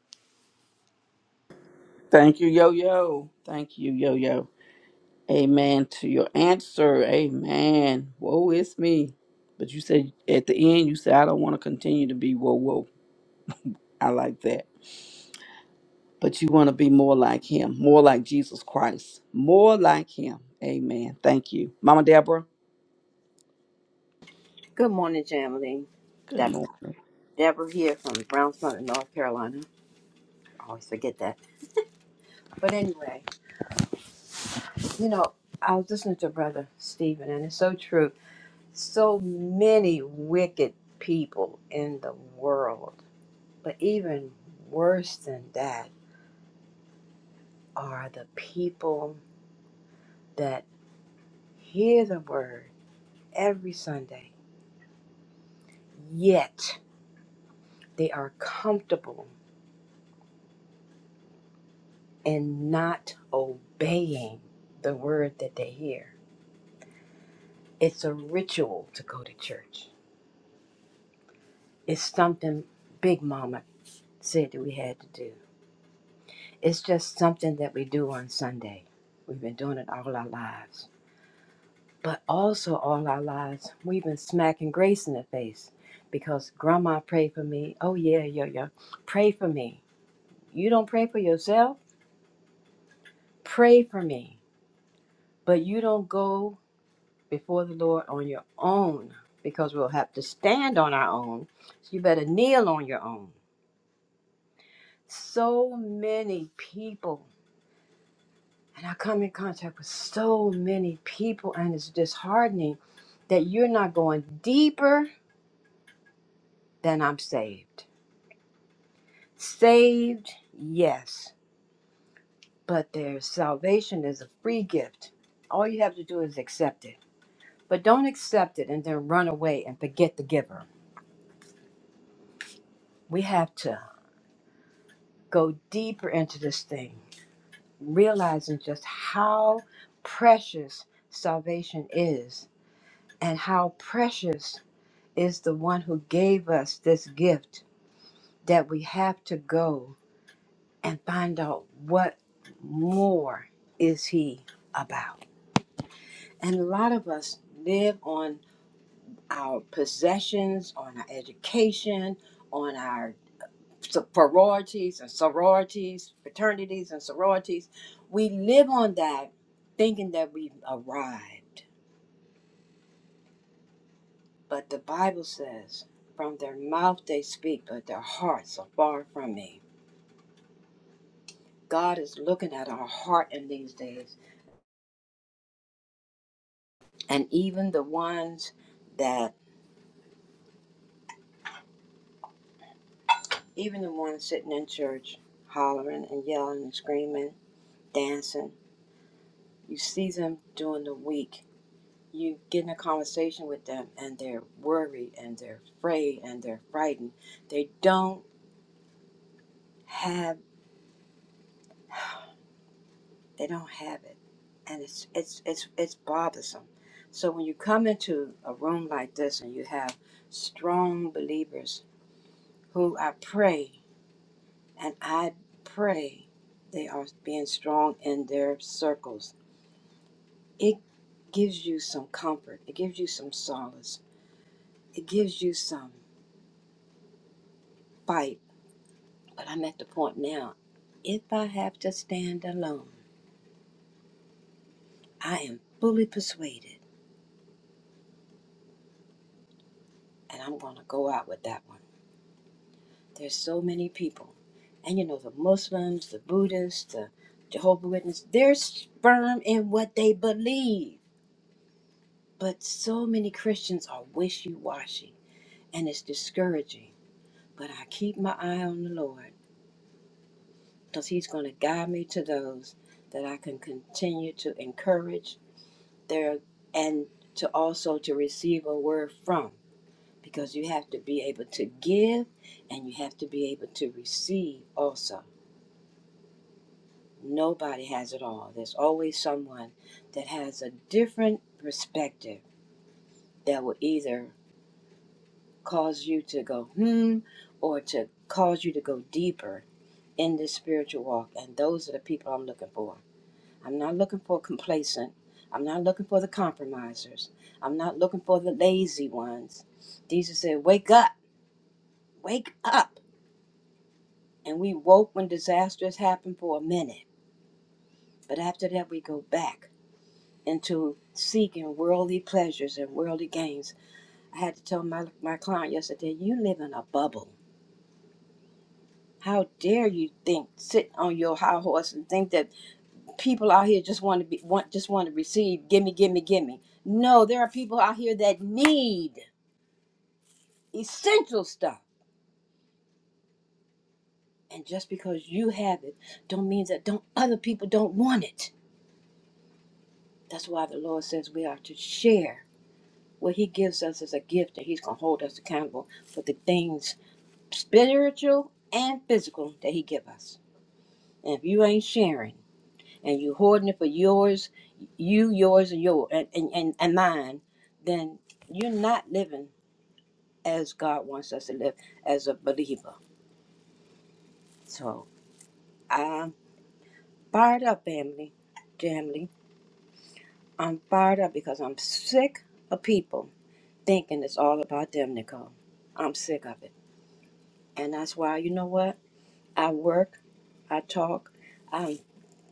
[SPEAKER 3] Thank you, yo yo. Thank you, yo yo. Amen to your answer. Amen. Woe is me. But you said at the end, you said, I don't want to continue to be woe woe. I like that. but you want to be more like him, more like Jesus Christ, more like him. Amen. Thank you. Mama Deborah,
[SPEAKER 7] Good morning, Jamily.
[SPEAKER 3] good
[SPEAKER 7] Deborah,
[SPEAKER 3] morning.
[SPEAKER 7] Deborah here from Brownsville, North Carolina. I always forget that. But anyway, you know, I was listening to Brother Stephen, and it's so true. So many wicked people in the world. But even worse than that are the people that hear the word every Sunday, yet they are comfortable and not obeying the word that they hear. It's a ritual to go to church. It's something Big Mama said that we had to do. It's just something that we do on Sunday. We've been doing it all our lives. But also, all our lives, we've been smacking grace in the face because Grandma prayed for me. Oh, yeah, yeah, yeah. Pray for me. You don't pray for yourself? Pray for me. But you don't go before the Lord on your own because we'll have to stand on our own. So you better kneel on your own. So many people, and I come in contact with so many people, and it's disheartening that you're not going deeper than I'm saved. Saved, yes, but their salvation is a free gift. All you have to do is accept it. But don't accept it and then run away and forget the giver. We have to go deeper into this thing realizing just how precious salvation is and how precious is the one who gave us this gift that we have to go and find out what more is he about and a lot of us live on our possessions on our education on our so- sororities and sororities, fraternities and sororities. We live on that thinking that we've arrived. But the Bible says, from their mouth they speak, but their hearts are far from me. God is looking at our heart in these days. And even the ones that, even the ones sitting in church, hollering and yelling and screaming, dancing, you see them during the week you get in a conversation with them and they're worried and they're afraid and they're frightened they don't have they don't have it and it's it's it's it's bothersome so when you come into a room like this and you have strong believers who i pray and i pray they are being strong in their circles it gives you some comfort it gives you some solace it gives you some fight But I'm at the point now, if I have to stand alone, I am fully persuaded and I'm going to go out with that one. There's so many people. And you know, the Muslims, the Buddhists, the Jehovah witnesses they're firm in what they believe. But so many Christians are wishy washy and it's discouraging. But I keep my eye on the Lord because He's going to guide me to those that I can continue to encourage there and to also to receive a word from because you have to be able to give and you have to be able to receive also nobody has it all there's always someone that has a different perspective that will either cause you to go hmm or to cause you to go deeper in this spiritual walk and those are the people i'm looking for I'm not looking for complacent. I'm not looking for the compromisers. I'm not looking for the lazy ones. Jesus said, Wake up, wake up. And we woke when disasters happened for a minute. But after that, we go back into seeking worldly pleasures and worldly gains. I had to tell my, my client yesterday, You live in a bubble. How dare you think, sit on your high horse and think that people out here just want to be want just want to receive, gimme, gimme, gimme. No, there are people out here that need. essential stuff. And just because you have it, don't mean that don't other people don't want it. That's why the Lord says we are to share what He gives us as a gift, and He's gonna hold us accountable for the things spiritual and physical that He give us. And if you ain't sharing and you hoarding it for yours, you, yours, and your and, and, and, and mine, then you're not living as God wants us to live as a believer. So I'm fired up, family, family. I'm fired up because I'm sick of people thinking it's all about them, Nicole. I'm sick of it. And that's why, you know what? I work, I talk, I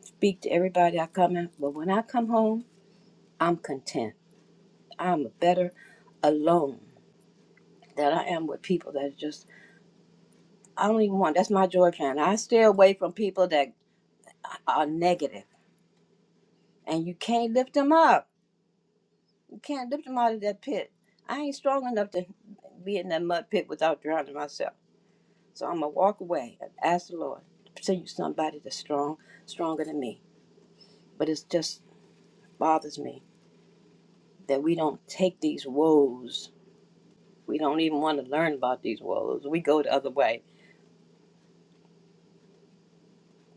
[SPEAKER 7] speak to everybody I come in. But when I come home, I'm content. I'm better alone than I am with people that just, I don't even want, that's my joy plan. I stay away from people that are negative and you can't lift them up. You can't lift them out of that pit. I ain't strong enough to be in that mud pit without drowning myself. So I'm gonna walk away and ask the Lord to send you somebody that's strong, stronger than me. But it just bothers me that we don't take these woes. We don't even want to learn about these woes. We go the other way.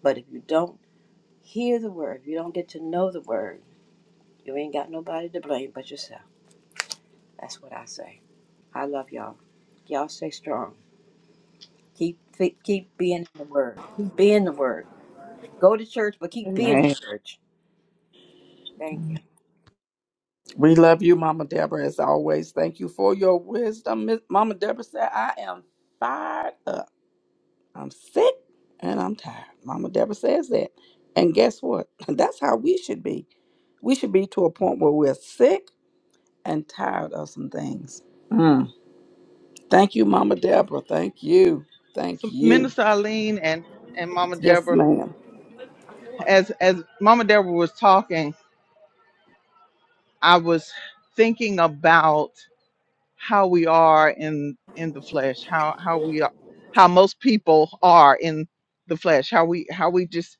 [SPEAKER 7] But if you don't hear the word, if you don't get to know the word, you ain't got nobody to blame but yourself. That's what I say. I love y'all. Y'all stay strong. Keep fi- keep being in the word. Keep being the word. Go to church, but keep being the
[SPEAKER 3] Amen.
[SPEAKER 7] church. Thank you.
[SPEAKER 3] We love you, Mama Deborah, as always. Thank you for your wisdom. Miss- Mama Deborah said, I am fired up. I'm sick and I'm tired. Mama Deborah says that. And guess what? (laughs) That's how we should be. We should be to a point where we're sick and tired of some things. Mm. Thank you, Mama Deborah. Thank you. Thank
[SPEAKER 1] So
[SPEAKER 3] you.
[SPEAKER 1] Minister Eileen and, and Mama
[SPEAKER 3] Yes,
[SPEAKER 1] Deborah,
[SPEAKER 3] ma'am.
[SPEAKER 1] as as Mama Deborah was talking, I was thinking about how we are in in the flesh, how how we are, how most people are in the flesh, how we how we just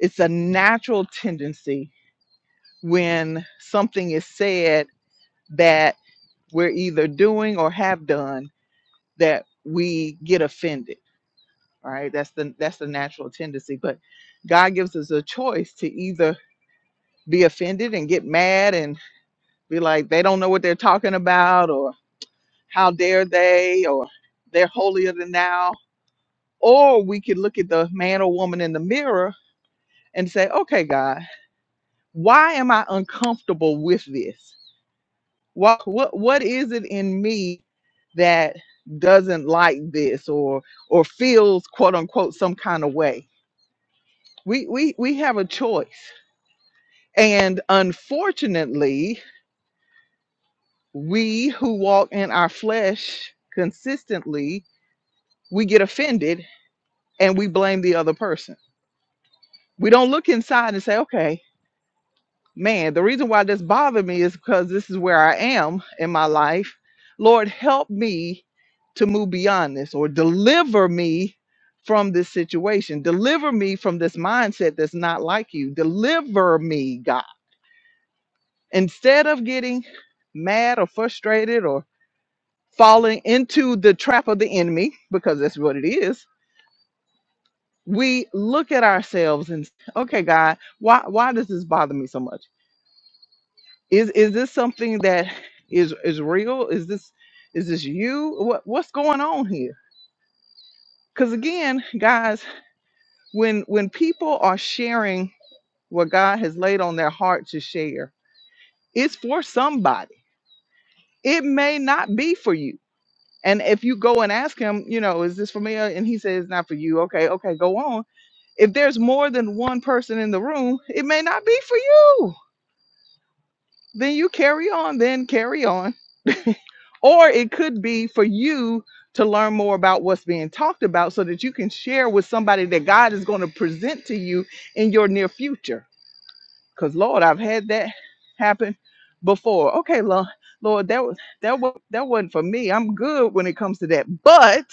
[SPEAKER 1] it's a natural tendency when something is said that we're either doing or have done that we get offended. All Right? That's the that's the natural tendency. But God gives us a choice to either be offended and get mad and be like they don't know what they're talking about or how dare they or they're holier than thou or we could look at the man or woman in the mirror and say okay god why am i uncomfortable with this what what, what is it in me that doesn't like this or or feels quote unquote some kind of way we we we have a choice and unfortunately we who walk in our flesh consistently we get offended and we blame the other person We don't look inside and say, okay, man, the reason why this bothered me is because this is where I am in my life. Lord, help me to move beyond this or deliver me from this situation. Deliver me from this mindset that's not like you. Deliver me, God. Instead of getting mad or frustrated or falling into the trap of the enemy, because that's what it is, we look at ourselves and, okay, God, why, why does this bother me so much? Is is this something that is is real? Is this is this you? What what's going on here? Because again, guys, when when people are sharing what God has laid on their heart to share, it's for somebody. It may not be for you. And if you go and ask him, you know, is this for me? And he says it's not for you. Okay, okay, go on. If there's more than one person in the room, it may not be for you then you carry on, then carry on. (laughs) or it could be for you to learn more about what's being talked about so that you can share with somebody that God is going to present to you in your near future. Because Lord, I've had that happen before. Okay, Lord, Lord, that was that was that wasn't for me. I'm good when it comes to that. But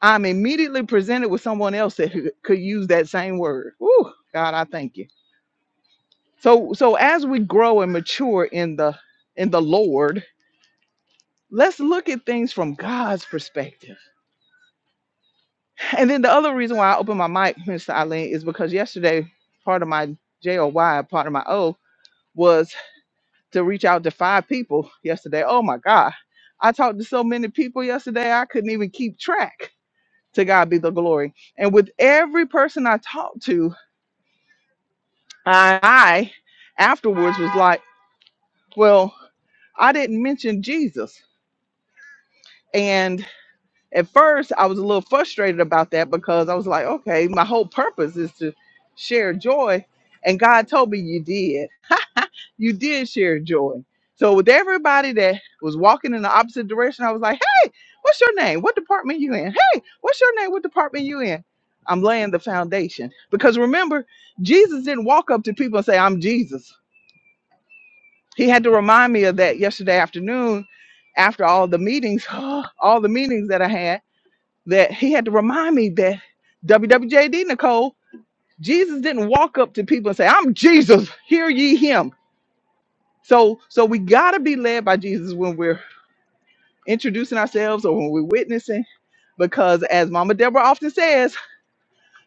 [SPEAKER 1] I'm immediately presented with someone else that could could use that same word. Woo, God, I thank you. So so as we grow and mature in the in the Lord, Let's look at things from God's perspective. And then the other reason why I opened my mic, Mr. Eileen, is because yesterday part of my J O Y, part of my O, was to reach out to five people yesterday. Oh my God. I talked to so many people yesterday, I couldn't even keep track. To God be the glory. And with every person I talked to, I, I afterwards was like, well, I didn't mention Jesus. and. At first, I was a little frustrated about that because I was like, okay, my whole purpose is to share joy. And God told me you did. You did share joy. So with everybody that was walking in the opposite direction, I was like, hey, what's your name? What department you in? Hey, what's your name? What department you in? I'm laying the foundation. Because remember, Jesus didn't walk up to people and say, I'm Jesus. He had to remind me of that yesterday afternoon after all the meetings, (gasps) all the meetings that I had that he had to remind me that WWJD Nicole, Jesus didn't walk up to people and say, I'm Jesus, hear ye him. So so we gotta be led by Jesus when we're introducing ourselves or when we're witnessing, because as Mama Deborah often says,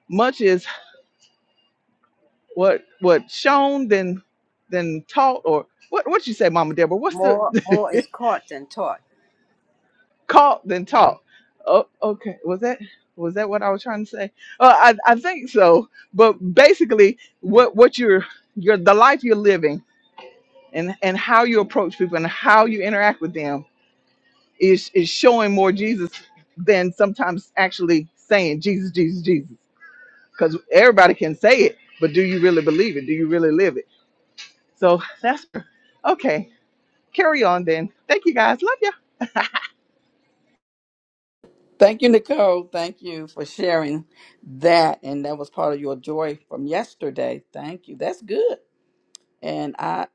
[SPEAKER 1] much is what what shown than than taught or what what you say, Mama Deborah? What's
[SPEAKER 7] More
[SPEAKER 1] the (laughs)
[SPEAKER 7] more is caught than taught.
[SPEAKER 1] Caught than taught. Oh, okay. Was that was that what I was trying to say? Uh, I I think so. But basically, what what you're you're the life you're living and and how you approach people and how you interact with them is is showing more Jesus than sometimes actually saying Jesus, Jesus, Jesus. Because everybody can say it, but do you really believe it? Do you really live it? So that's okay. Carry on then. Thank you guys. Love you.
[SPEAKER 3] Thank you, Nicole. Thank you for sharing that. And that was part of your joy from yesterday. Thank you. That's good. And I,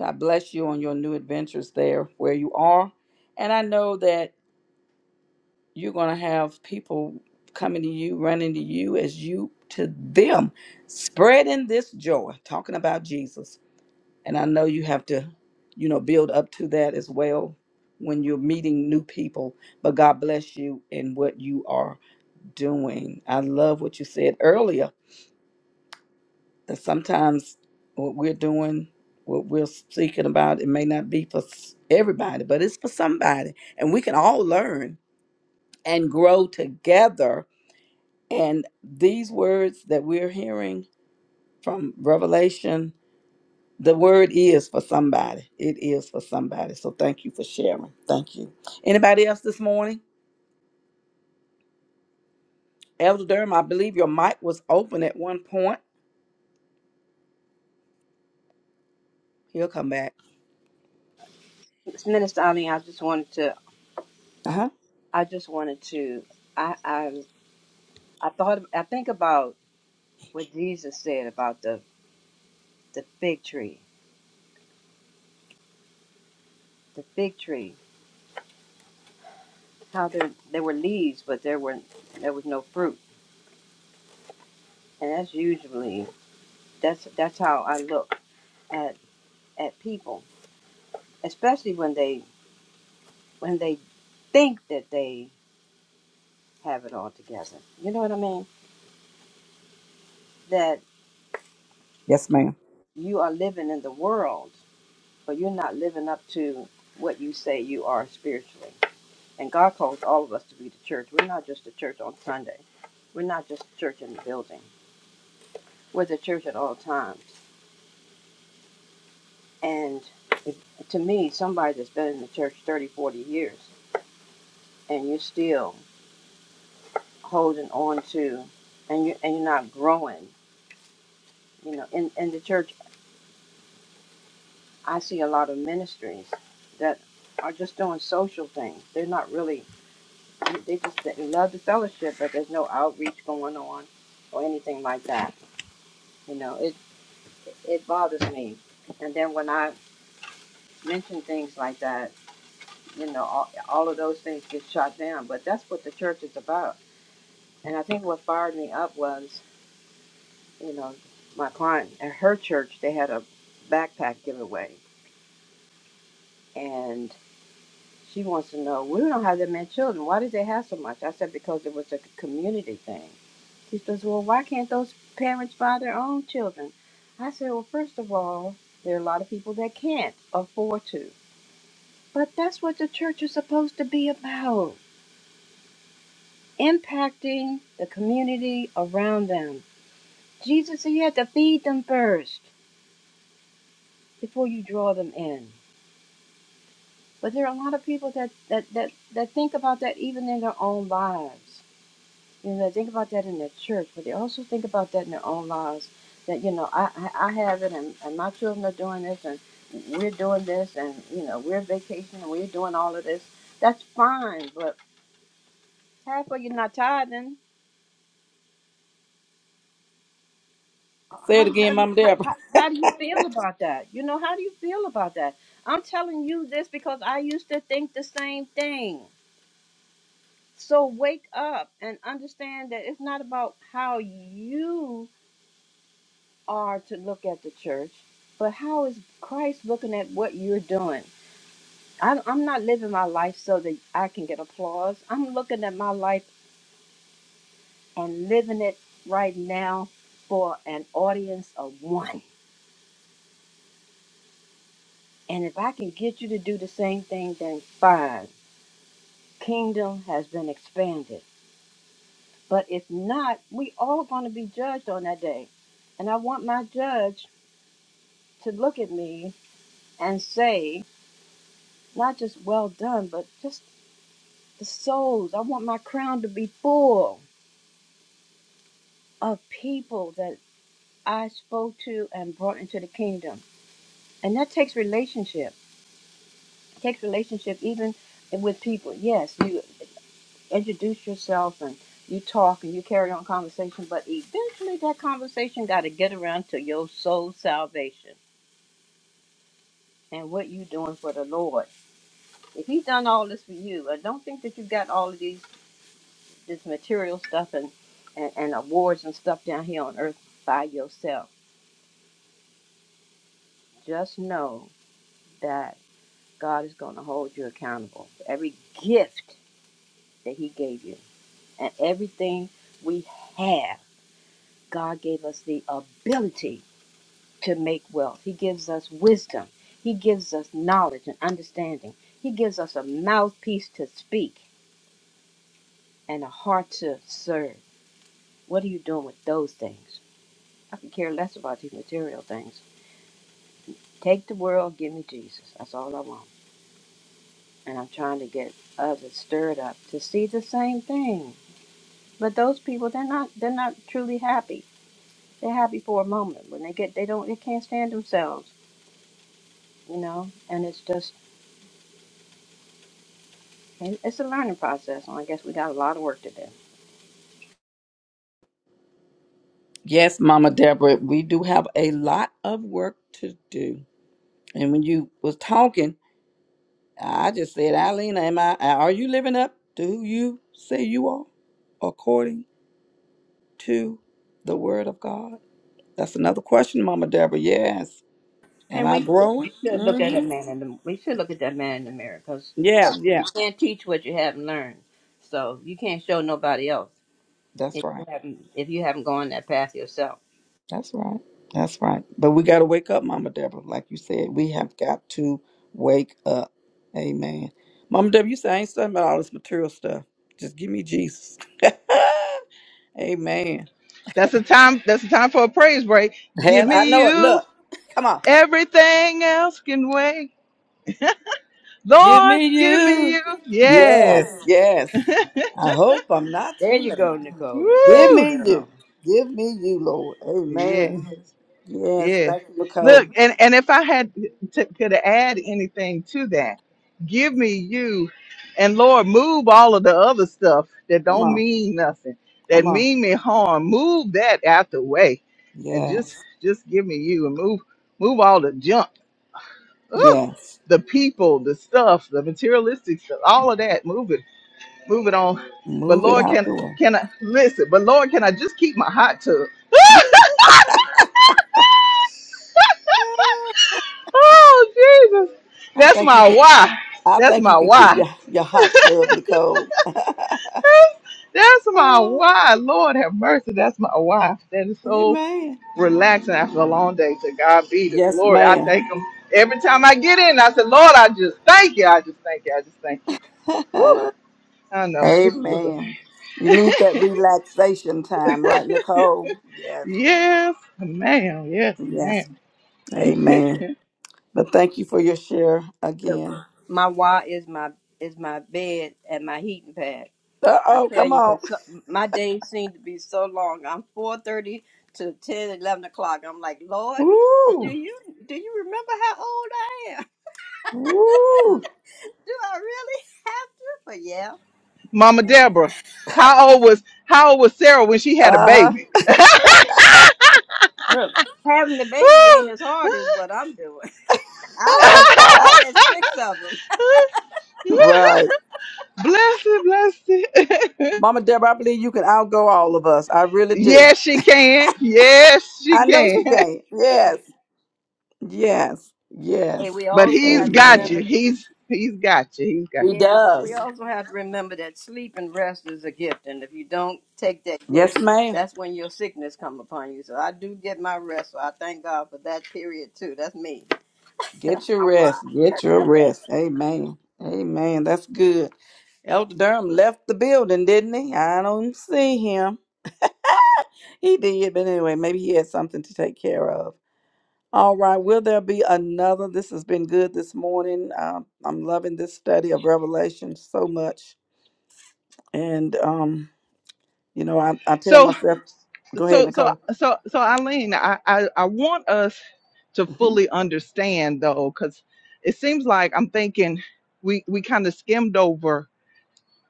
[SPEAKER 3] I bless you on your new adventures there where you are. And I know that you're going to have people coming to you, running to you as you to them, spreading this joy, talking about Jesus. And I know you have to, you know, build up to that as well when you're meeting new people. But God bless you in what you are doing. I love what you said earlier that sometimes what we're doing, what we're speaking about, it may not be for s- everybody, but it's for somebody. And we can all learn and grow together. And these words that we're hearing from Revelation, the word is for somebody. It is for somebody. So thank you for sharing. Thank you. Anybody else this morning? Elder Durham, I believe your mic was open at one point. He'll come back.
[SPEAKER 7] Minister Ali, I just wanted to.
[SPEAKER 3] Uh huh.
[SPEAKER 7] I just wanted to. I I I thought. I think about what Jesus said about the the fig tree. The fig tree. How there there were leaves, but there were there was no fruit. And that's usually that's that's how I look at at people, especially when they when they think that they have it all together. You know what I mean? That
[SPEAKER 3] Yes, ma'am.
[SPEAKER 7] you are living in the world, but you're not living up to what you say you are spiritually And God calls all of us to be the church. We're not just the church on Sunday. We're not just the church in the building. We're the church at all times. And if, to me, somebody that's been in the church 30, 40 years, and you're still holding on to, and you and you're not growing. You know, in in the church, I see a lot of ministries that are just doing social things. They're not really. They just they love the fellowship, but there's no outreach going on or anything like that. You know, it it bothers me. And then when I mention things like that, you know, all, all of those things get shot down. But that's what the church is about. And I think what fired me up was, you know, my client at her church, they had a backpack giveaway. And she wants to know, we don't have that many children. Why did they have so much? I said, because it was a community thing. She says, well, why can't those parents buy their own children? I said, well, first of all, there are a lot of people that can't afford to. But that's what the church is supposed to be about impacting the community around them. Jesus said you had to feed them first before you draw them in. But there are a lot of people that, that, that, that think about that even in their own lives. You know, they think about that in their church, but they also think about that in their own lives. That, you know, I, I I have it and, and my children are doing this and we're doing this and, you know, we're vacationing and we're doing all of this. That's fine, but half of you not tithing.
[SPEAKER 3] Say
[SPEAKER 7] how
[SPEAKER 3] it
[SPEAKER 7] do,
[SPEAKER 3] again,
[SPEAKER 7] how do you
[SPEAKER 3] Mama
[SPEAKER 7] how,
[SPEAKER 3] Deborah.
[SPEAKER 7] how how do you feel about that? You know, how do you feel about that? I'm telling you this because I used to think the same thing. So wake up and understand that it's not about how you are to look at the church, but how is Christ looking at what you're doing? I, I'm not living my life so that I can get applause. I'm looking at my life and living it right now for an audience of one. And if I can get you to do the same thing, then fine. Kingdom has been expanded. But if not, we all going to be judged on that day. And I want my judge to look at me and say, not just well done, but just the souls. I want my crown to be full of people that I spoke to and brought into the kingdom. And that takes relationship. It takes relationship even with people. Yes, you. introduce yourself and you talk and you carry on conversation, but eventually that conversation got to get around to your soul salvation and what you doing for the Lord. If He done all this for you, I don't think that you got all of these this material stuff and, and, and awards and stuff down here on earth by yourself. Just know that God is going to hold you accountable for every gift that He gave you and everything we have. God gave us the ability to make wealth. He gives us wisdom. He gives us knowledge and understanding. He gives us a mouthpiece to speak and a heart to serve. What are you doing with those things? I could care less about these material things. Take the world, give me Jesus. That's all I want. And I'm trying to get others stirred up to see the same thing. But those people, they're not they're not truly happy. They're happy for a moment. When they get they don't they can't stand themselves, you know, and it's just It- It's a learning process, and I guess we got a lot of work to do.
[SPEAKER 3] Yes, Mama Deborah, we do have a lot of work to do. And when you was talking, I just said, Eileen, am I are you living up to who you say you are according to the word of God? That's another question, Mama Deborah. Yes. Am
[SPEAKER 7] And
[SPEAKER 3] I
[SPEAKER 7] we should,
[SPEAKER 3] growing?
[SPEAKER 7] we should look
[SPEAKER 3] mm
[SPEAKER 7] at that
[SPEAKER 3] hmm
[SPEAKER 7] man in the we should look at that man in the mirror because
[SPEAKER 3] Yeah,
[SPEAKER 7] you
[SPEAKER 3] yeah.
[SPEAKER 7] can't teach what you haven't learned, so you can't show nobody else
[SPEAKER 3] That's
[SPEAKER 7] if
[SPEAKER 3] right.
[SPEAKER 7] you haven't if you haven't gone that path yourself.
[SPEAKER 3] That's right. That's right. But we got to wake up, Mama Deborah. Like you said, we have got to wake up. Amen. Mama Deborah, you say I ain't studying about all this material stuff. Just give me Jesus. (laughs) Amen.
[SPEAKER 1] That's the time. That's the time for a praise break. Give
[SPEAKER 3] Hell, I
[SPEAKER 1] me
[SPEAKER 3] know it.
[SPEAKER 1] you.
[SPEAKER 3] Look, come on.
[SPEAKER 1] Everything else can wait.
[SPEAKER 3] Give
[SPEAKER 1] Lord,
[SPEAKER 3] me
[SPEAKER 1] give me
[SPEAKER 3] you.
[SPEAKER 1] you. Yes.
[SPEAKER 3] Yes, yes. I hope I'm not
[SPEAKER 7] There
[SPEAKER 3] too
[SPEAKER 7] you
[SPEAKER 3] late.
[SPEAKER 7] go, Nicole. Swing
[SPEAKER 3] Give
[SPEAKER 7] it,
[SPEAKER 1] Woo.
[SPEAKER 3] me you.
[SPEAKER 7] girl.
[SPEAKER 3] Give me you, Lord.
[SPEAKER 1] Yeah.
[SPEAKER 3] Amen. Yes,
[SPEAKER 1] Yeah.
[SPEAKER 3] thank you, Nicole.
[SPEAKER 1] Look, and, and if I had to, could add anything to that, give me you and Lord, move all of the other stuff that
[SPEAKER 3] Come
[SPEAKER 1] don't
[SPEAKER 3] on.
[SPEAKER 1] mean nothing, that
[SPEAKER 3] Come on.
[SPEAKER 1] mean me harm. Move that out the way and
[SPEAKER 3] Yes,
[SPEAKER 1] just just give me you and move move all the junk. Ooh,
[SPEAKER 3] yes.
[SPEAKER 1] the people, the stuff, the materialistic stuff, all of that. Move it Move it on. But
[SPEAKER 3] Move it
[SPEAKER 1] Lord,
[SPEAKER 3] out
[SPEAKER 1] can
[SPEAKER 3] the way.
[SPEAKER 1] can I listen? But Lord, can I just keep my hot tub? (laughs) oh Jesus,
[SPEAKER 3] I
[SPEAKER 1] that's
[SPEAKER 3] think you
[SPEAKER 1] my
[SPEAKER 3] can.
[SPEAKER 1] why.
[SPEAKER 3] I
[SPEAKER 1] That's
[SPEAKER 3] think you
[SPEAKER 1] my
[SPEAKER 3] can keep
[SPEAKER 1] why.
[SPEAKER 3] your your hot tub, Nicole. (laughs)
[SPEAKER 1] That's my why. Lord have mercy. That's my why. That is so
[SPEAKER 3] Amen.
[SPEAKER 1] relaxing after a long day. To God be the
[SPEAKER 3] Yes,
[SPEAKER 1] glory. I
[SPEAKER 3] ma'am.
[SPEAKER 1] thank Him every time I get in. I said, Lord, I just thank you. I just thank you. I just thank you.
[SPEAKER 3] (laughs)
[SPEAKER 1] Whew. I know. Just a little. (laughs)
[SPEAKER 3] Amen. You need that relaxation time, right, Nicole? Yes.
[SPEAKER 1] Yes, ma'am. Yes, ma'am.
[SPEAKER 3] Yes. Amen. But thank you for your share
[SPEAKER 7] Look,
[SPEAKER 3] again.
[SPEAKER 7] my why is my is my bed and my heating pad.
[SPEAKER 3] Uh
[SPEAKER 7] I
[SPEAKER 3] oh,
[SPEAKER 7] tell
[SPEAKER 3] come
[SPEAKER 7] you,
[SPEAKER 3] on.
[SPEAKER 7] cause so, my days seem to be so long. I'm four thirty to 10, 11 o'clock. I'm like, Lord. Do
[SPEAKER 3] Woo.
[SPEAKER 7] you do you remember how old I am?
[SPEAKER 3] Woo.
[SPEAKER 7] (laughs) Do I really have to? But yeah.
[SPEAKER 1] Mama
[SPEAKER 7] And
[SPEAKER 1] Deborah, how old was how old was Sarah when she had a
[SPEAKER 3] Uh
[SPEAKER 1] baby?
[SPEAKER 7] Look, having the
[SPEAKER 1] Woo!
[SPEAKER 7] baby ain't as hard as what I'm doing. (laughs) I've
[SPEAKER 1] (laughs)
[SPEAKER 7] had I've
[SPEAKER 3] huh.
[SPEAKER 7] had six of them,
[SPEAKER 3] (laughs) right.
[SPEAKER 1] bless it, bless it.
[SPEAKER 3] Mama Deborah, I believe you can outgo all of us. I
[SPEAKER 1] (laughs)
[SPEAKER 3] really do.
[SPEAKER 1] yes, she can. Yes, she
[SPEAKER 3] I know
[SPEAKER 1] can.
[SPEAKER 3] she can. Yes. Yes.
[SPEAKER 7] and
[SPEAKER 3] Yes.
[SPEAKER 7] we
[SPEAKER 1] But
[SPEAKER 7] also
[SPEAKER 1] he's
[SPEAKER 7] have to
[SPEAKER 1] got
[SPEAKER 3] Amen.
[SPEAKER 1] you.
[SPEAKER 7] remember.
[SPEAKER 1] He's he's got you. He's got you.
[SPEAKER 3] He
[SPEAKER 7] Yeah, we
[SPEAKER 3] does.
[SPEAKER 7] also have to remember that sleep and rest is a gift, and if you don't take that
[SPEAKER 3] Yes,
[SPEAKER 7] gift,
[SPEAKER 3] ma'am.
[SPEAKER 7] that's when your sickness come upon you. So I do get my rest. So I thank God for that period too. That's me. (laughs)
[SPEAKER 3] Get your
[SPEAKER 7] My why.
[SPEAKER 3] rest. Get your rest. Amen. Amen. That's good. Elder Durham left the building, didn't he? I don't see him. He did, but anyway, maybe he had something to take care of. All right. Will there be another? This has been good this morning. Um, I'm loving this study of Revelation so much. And, um, you know, I, I tell
[SPEAKER 1] So
[SPEAKER 3] myself, go ahead,
[SPEAKER 1] so so
[SPEAKER 3] Nicole.
[SPEAKER 1] so so Eileen, I I, I want us to
[SPEAKER 3] hmm
[SPEAKER 1] fully understand though, because it seems like I'm thinking we we kind of skimmed over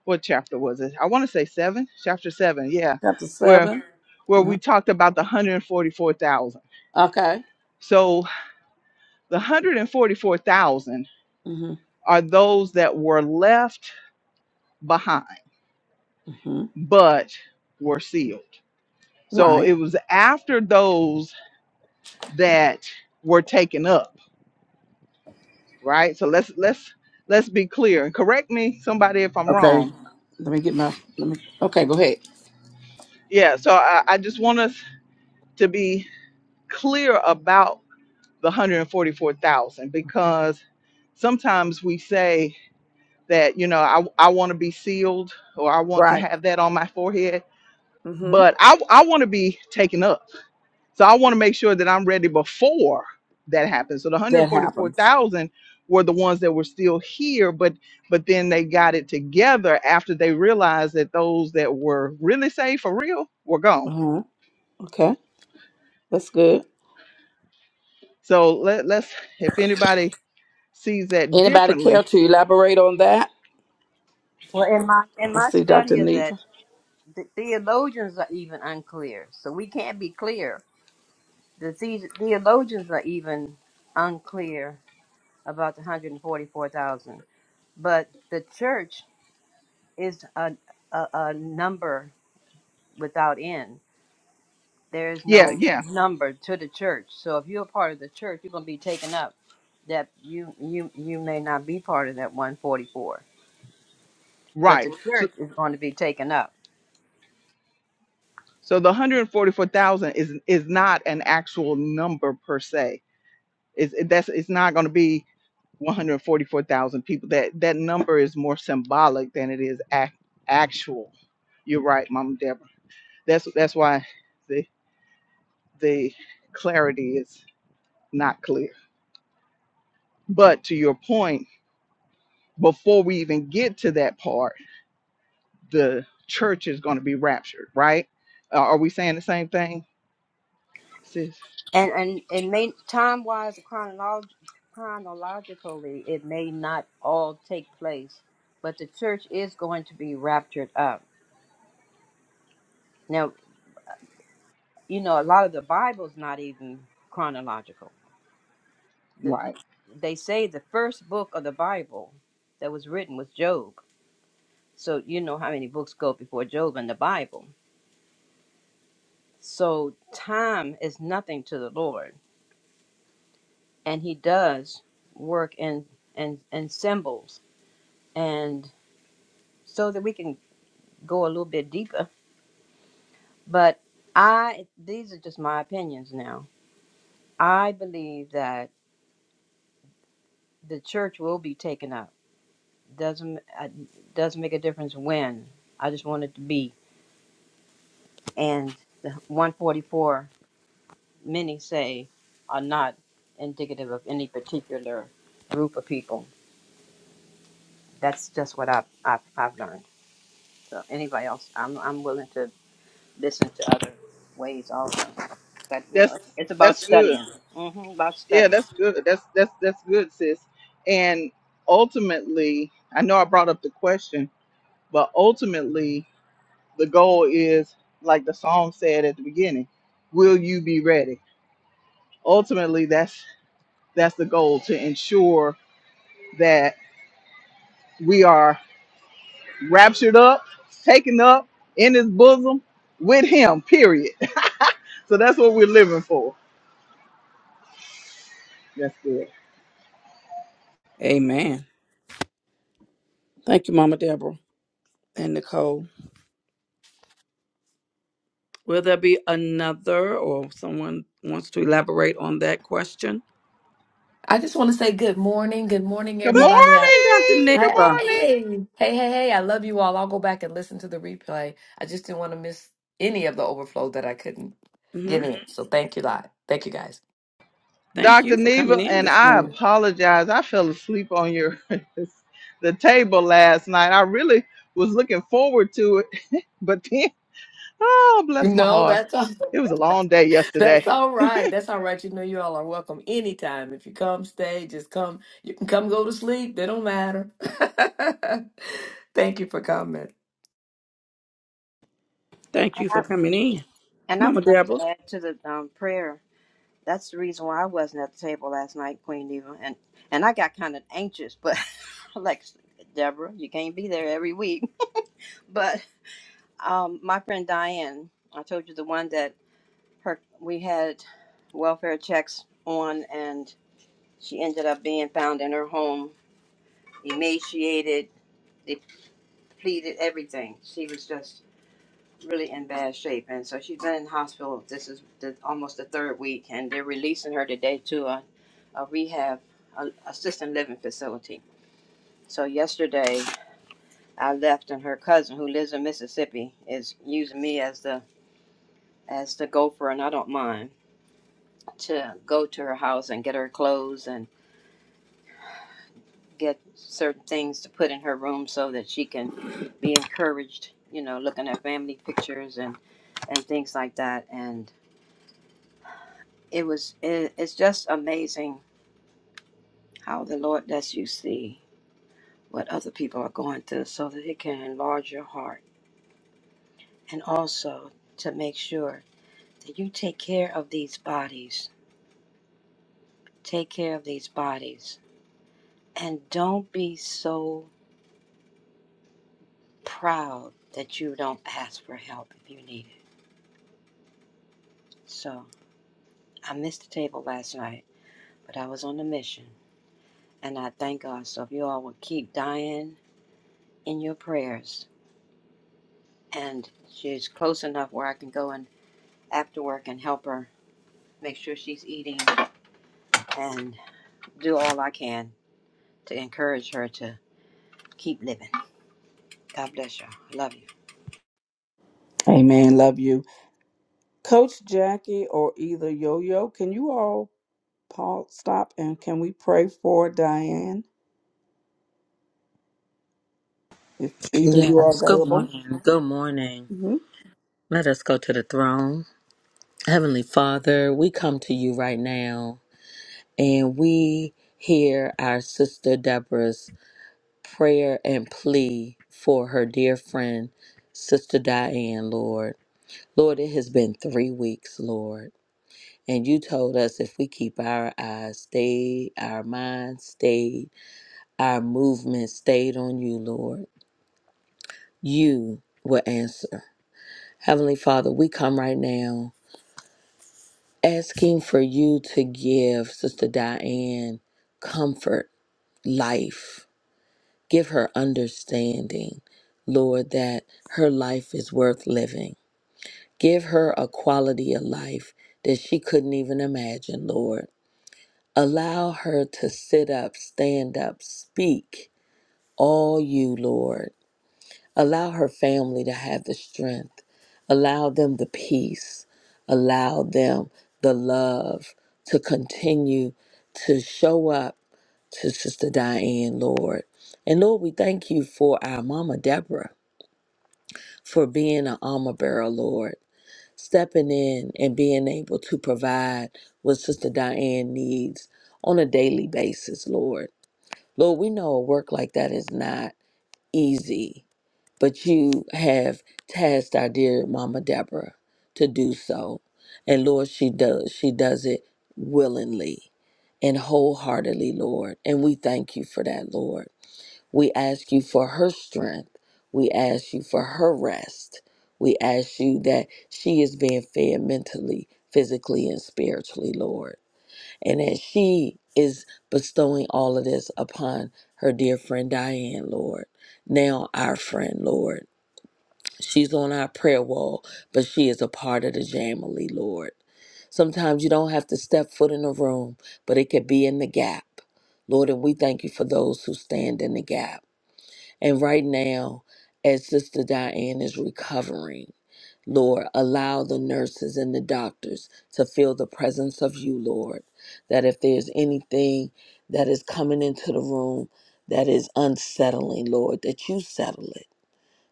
[SPEAKER 1] what chapter was it? I want to say seven, chapter seven, yeah,
[SPEAKER 3] Chapter
[SPEAKER 1] where
[SPEAKER 3] 7.
[SPEAKER 1] where
[SPEAKER 3] Uh-huh.
[SPEAKER 1] we talked about the one hundred and forty four thousand.
[SPEAKER 3] Okay.
[SPEAKER 1] So the one hundred and forty four thousand
[SPEAKER 3] hmm
[SPEAKER 1] are those that were left behind,
[SPEAKER 3] hmm
[SPEAKER 1] but were sealed. So
[SPEAKER 3] Right.
[SPEAKER 1] it was after those that were taken up, right? So let's let's let's be clear and correct me somebody if I'm
[SPEAKER 3] Okay.
[SPEAKER 1] wrong.
[SPEAKER 3] Let me get my. Let me. Okay. Go ahead.
[SPEAKER 1] Yeah. So I, I just want us to be clear about the 144,000 because sometimes we say that you know I I want to be sealed or I want to
[SPEAKER 3] Right.
[SPEAKER 1] have that on my forehead
[SPEAKER 3] hmm
[SPEAKER 1] but I I want to be taken up. So I want to make sure that I'm ready before that happens. So the
[SPEAKER 3] That happens.
[SPEAKER 1] 144,000 were the ones that were still here but but then they got it together after they realized that those that were really saved for real were gone.
[SPEAKER 3] Uh-huh. Okay. That's good.
[SPEAKER 1] So let, let's if anybody sees that
[SPEAKER 3] Anybody care
[SPEAKER 1] differently.
[SPEAKER 3] to elaborate on that?
[SPEAKER 7] Well, in my in
[SPEAKER 3] I
[SPEAKER 7] my
[SPEAKER 3] see Dr.
[SPEAKER 7] study of that,
[SPEAKER 3] Neva.
[SPEAKER 7] The theologians are even unclear, so we can't be clear. The the- theologians are even unclear about the 144,000. But the church is a, a, a number without end. There is
[SPEAKER 1] Yeah,
[SPEAKER 7] no
[SPEAKER 1] yeah
[SPEAKER 7] number to the church. So if you're a part of the church, you're going to be taken up. That you you you may not be part of that 144, but
[SPEAKER 1] Right.
[SPEAKER 7] the
[SPEAKER 1] So
[SPEAKER 7] church is going to be taken up.
[SPEAKER 1] so the 144,000 is is not an actual number per se. It's it- that's it's not going to be 144,000 people. That that number is more symbolic than it is ac- actual. You're right, Mama Deborah. That's that's why the the clarity is not clear. But to your point, before we even get to that part, the church is going to be raptured, right? Uh, are we saying the same thing, sis?
[SPEAKER 7] And and it may time wise chronolog- chronologically it may not all take place, but the church is going to be raptured up. Now you know a lot of the Bible's not even chronological. The,
[SPEAKER 1] Right.
[SPEAKER 7] they say the first book of the Bible that was written was Job. So you know how many books go before Job in the Bible. So time is nothing to the Lord, and He does work in and and symbols and so that we can go a little bit deeper, but I these are just my opinions now. I believe that the church will be taken up. Doesn't uh, doesn't make a difference when. I just want it to be. And the 144 many say are not indicative of any particular group of people. That's just what I've I've, I've learned. So anybody else, I'm I'm willing to listen to other ways also. But you know,
[SPEAKER 1] That's
[SPEAKER 7] it's, it's about
[SPEAKER 1] that's good.
[SPEAKER 7] studying. hmm about
[SPEAKER 1] Yeah,
[SPEAKER 7] studying.
[SPEAKER 1] that's good. That's that's that's good, sis. And ultimately, I know I brought up the question, but ultimately the goal is like the song said at the beginning, will you be ready? Ultimately that's that's the goal to ensure that we are raptured up, taken up in his bosom with him, period. (laughs) so that's what we're living for. That's good.
[SPEAKER 3] Amen. Thank you, Mama Deborah and Nicole. Will there be another or someone wants to elaborate on that question?
[SPEAKER 8] I just want to say good morning. Good morning,
[SPEAKER 1] Good
[SPEAKER 3] Good
[SPEAKER 8] everybody. I-
[SPEAKER 3] morning, Dr.
[SPEAKER 1] morning. Good
[SPEAKER 8] Hey,
[SPEAKER 3] Neva.
[SPEAKER 1] morning.
[SPEAKER 8] hey, hey, hey. I love you all. I'll go back and listen to the replay. I just didn't want to miss any of the overflow that I couldn't
[SPEAKER 3] hmm
[SPEAKER 8] get in. So thank you, lot. Thank you, guys.
[SPEAKER 3] Thank
[SPEAKER 1] Dr.
[SPEAKER 3] you for coming
[SPEAKER 1] Neva,
[SPEAKER 3] in
[SPEAKER 1] and
[SPEAKER 3] this
[SPEAKER 1] I
[SPEAKER 3] morning.
[SPEAKER 1] apologize. I fell asleep on your (laughs) the table last night. I really was looking forward to it, (laughs) but then, oh, bless my
[SPEAKER 8] No,
[SPEAKER 1] heart.
[SPEAKER 8] that's all. (laughs)
[SPEAKER 1] It was a long day
[SPEAKER 8] That's
[SPEAKER 1] yesterday.
[SPEAKER 8] all right. That's all right. You know, you all are welcome anytime. If you come, stay. Just come. You can come, go to sleep. They don't matter. (laughs) thank you for coming.
[SPEAKER 3] Thank you for coming in,
[SPEAKER 7] And I
[SPEAKER 3] Mama
[SPEAKER 7] would like
[SPEAKER 3] Deborah.
[SPEAKER 7] to add to the um, prayer. That's the reason why I wasn't at the table last night, Queen Eva, and and I got kind of anxious. But (laughs) like Deborah, you can't be there every week. (laughs) But um, my friend Diane, I told you the one that her we had welfare checks on, and she ended up being found in her home, emaciated, depleted, everything. She was just really in bad shape, and so she's been in the hospital. This is the, almost the third week, and they're releasing her today to a, a rehab, a assisted living facility. So yesterday, I left, and her cousin, who lives in Mississippi, is using me as the as the gopher, and I don't mind to go to her house and get her clothes and get certain things to put in her room so that she can be encouraged. You know, looking at family pictures and and things like that, and. it was it, it's just amazing how the lord lets you see what other people are going through so that it can enlarge your heart and also to make sure that you take care of these bodies take care of these bodies and don't be so proud that you don't ask for help if you need it so i missed the table last night but i was on a mission and i thank god so if you all will keep dying in your prayers and she's close enough where I can go and. after work and help her make sure she's eating and do all I can to encourage her to keep living. God bless you I Love you.
[SPEAKER 3] Amen. Love you. Coach Jackie or either Yo Yo, can you all pause, stop, and can we pray for Diane if either you are
[SPEAKER 6] Yes, good
[SPEAKER 3] available?
[SPEAKER 6] morning. Good morning.
[SPEAKER 3] hmm
[SPEAKER 6] Let us go to the throne. Heavenly Father, we come to you right now and we hear our sister Deborah's prayer and plea for her dear friend, Sister Diane, Lord. Lord, it has been three weeks, Lord. And you told us if we keep our eyes stayed, our minds stayed Our movement stayed on you, Lord. You will answer. Heavenly Father, we come right now asking for you to give Sister Diane comfort, life. Give her understanding, Lord, that her life is worth living. Give her a quality of life that she couldn't even imagine, Lord. Allow her to sit up, stand up, speak all you, Lord. Allow her family to have the strength. Allow them the peace. Allow them the love to continue to show up to Sister Diane, Lord. And Lord, we thank you for our Mama Deborah for being an armor bearer, Lord, stepping in and being able to provide what Sister Diane needs on a daily basis, Lord. Lord, we know a work like that is not easy but you have tasked our dear Mama Deborah to do so. And Lord, she does. She does it willingly and wholeheartedly, Lord. And we thank you for that, Lord. We ask you for her strength. We ask you for her rest. We ask you that she is being fed mentally, physically, and spiritually, Lord. And that she is bestowing all of this upon her dear friend Diane, Lord. Now, our friend, Lord. She's on our prayer wall, but she is a part of the Jamily, Lord. Sometimes you don't have to step foot in the room, but it could be in the gap. Lord, and we thank you for those who stand in the gap. And right now, as Sister Diane is recovering, Lord, allow the nurses and the doctors to feel the presence of you, Lord. That if there's anything that is coming into the room that is unsettling, Lord, that you settle it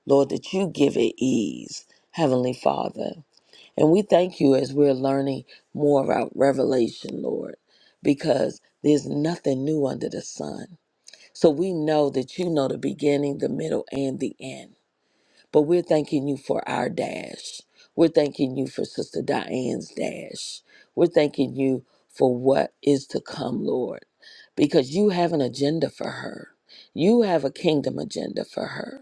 [SPEAKER 6] Lord, that you give it ease, Heavenly Father. And we thank you as we're learning more about revelation, Lord, because there's nothing new under the sun. So we know that you know the beginning, the middle, and the end. But we're thanking you for our dash. We're thanking you for Sister Diane's dash. We're thanking you for what is to come, Lord, because you have an agenda for her. You have a kingdom agenda for her.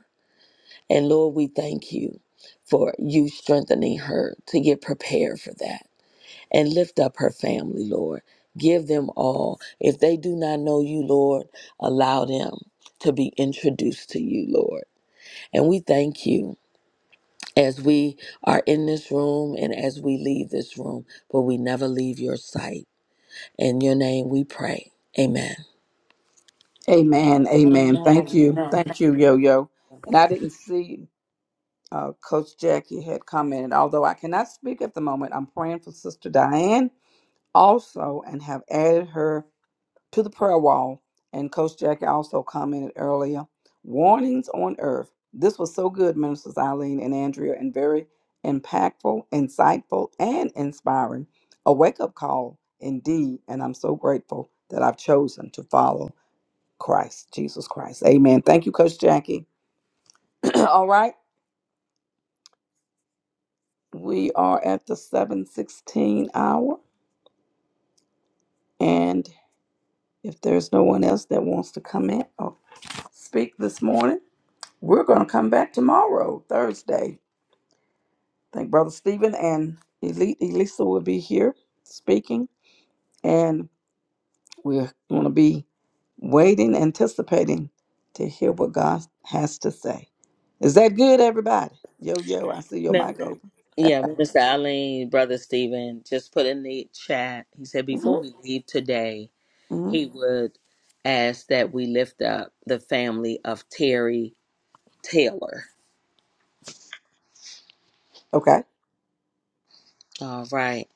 [SPEAKER 6] And Lord, we thank you for you strengthening her to get prepared for that and lift up her family, Lord. Give them all. If they do not know you, Lord, allow them to be introduced to you, Lord. And we thank you as we are in this room and as we leave this room, but we never leave your sight. In your name we pray. Amen.
[SPEAKER 3] Amen. Amen. Thank
[SPEAKER 7] Amen.
[SPEAKER 3] you.
[SPEAKER 7] Amen.
[SPEAKER 3] Thank you, Yo Yo. And I didn't see uh, Coach Jackie had commented, although I cannot speak at the moment. I'm praying for Sister Diane also and have added her. to the prayer wall. And Coach Jackie also commented earlier warnings on earth. This was so good, Ministers Eileen and Andrea, and very impactful, insightful, and inspiring. A wake up call, indeed. And I'm so grateful that I've chosen to follow Christ, Jesus Christ. Amen. Thank you, Coach Jackie. (clears throat) All right. We are at the 716 hour. And if there's no one else that wants to come in or speak this morning, We're going to come back tomorrow, Thursday. I think Brother Stephen and Eli- Elisa will be here speaking, and we're going to be waiting, anticipating to hear what God has to say. Is that good, everybody? Yo, yo, I see your
[SPEAKER 6] Amen.
[SPEAKER 3] mic open.
[SPEAKER 6] Yeah,
[SPEAKER 4] All
[SPEAKER 6] Minister Eileen, Brother Stephen, just put in the chat. He said,
[SPEAKER 3] hmm
[SPEAKER 6] before we leave today,
[SPEAKER 3] hmm
[SPEAKER 6] he would ask that we lift up the family of Terry Taylor.
[SPEAKER 3] Okay.
[SPEAKER 6] All right.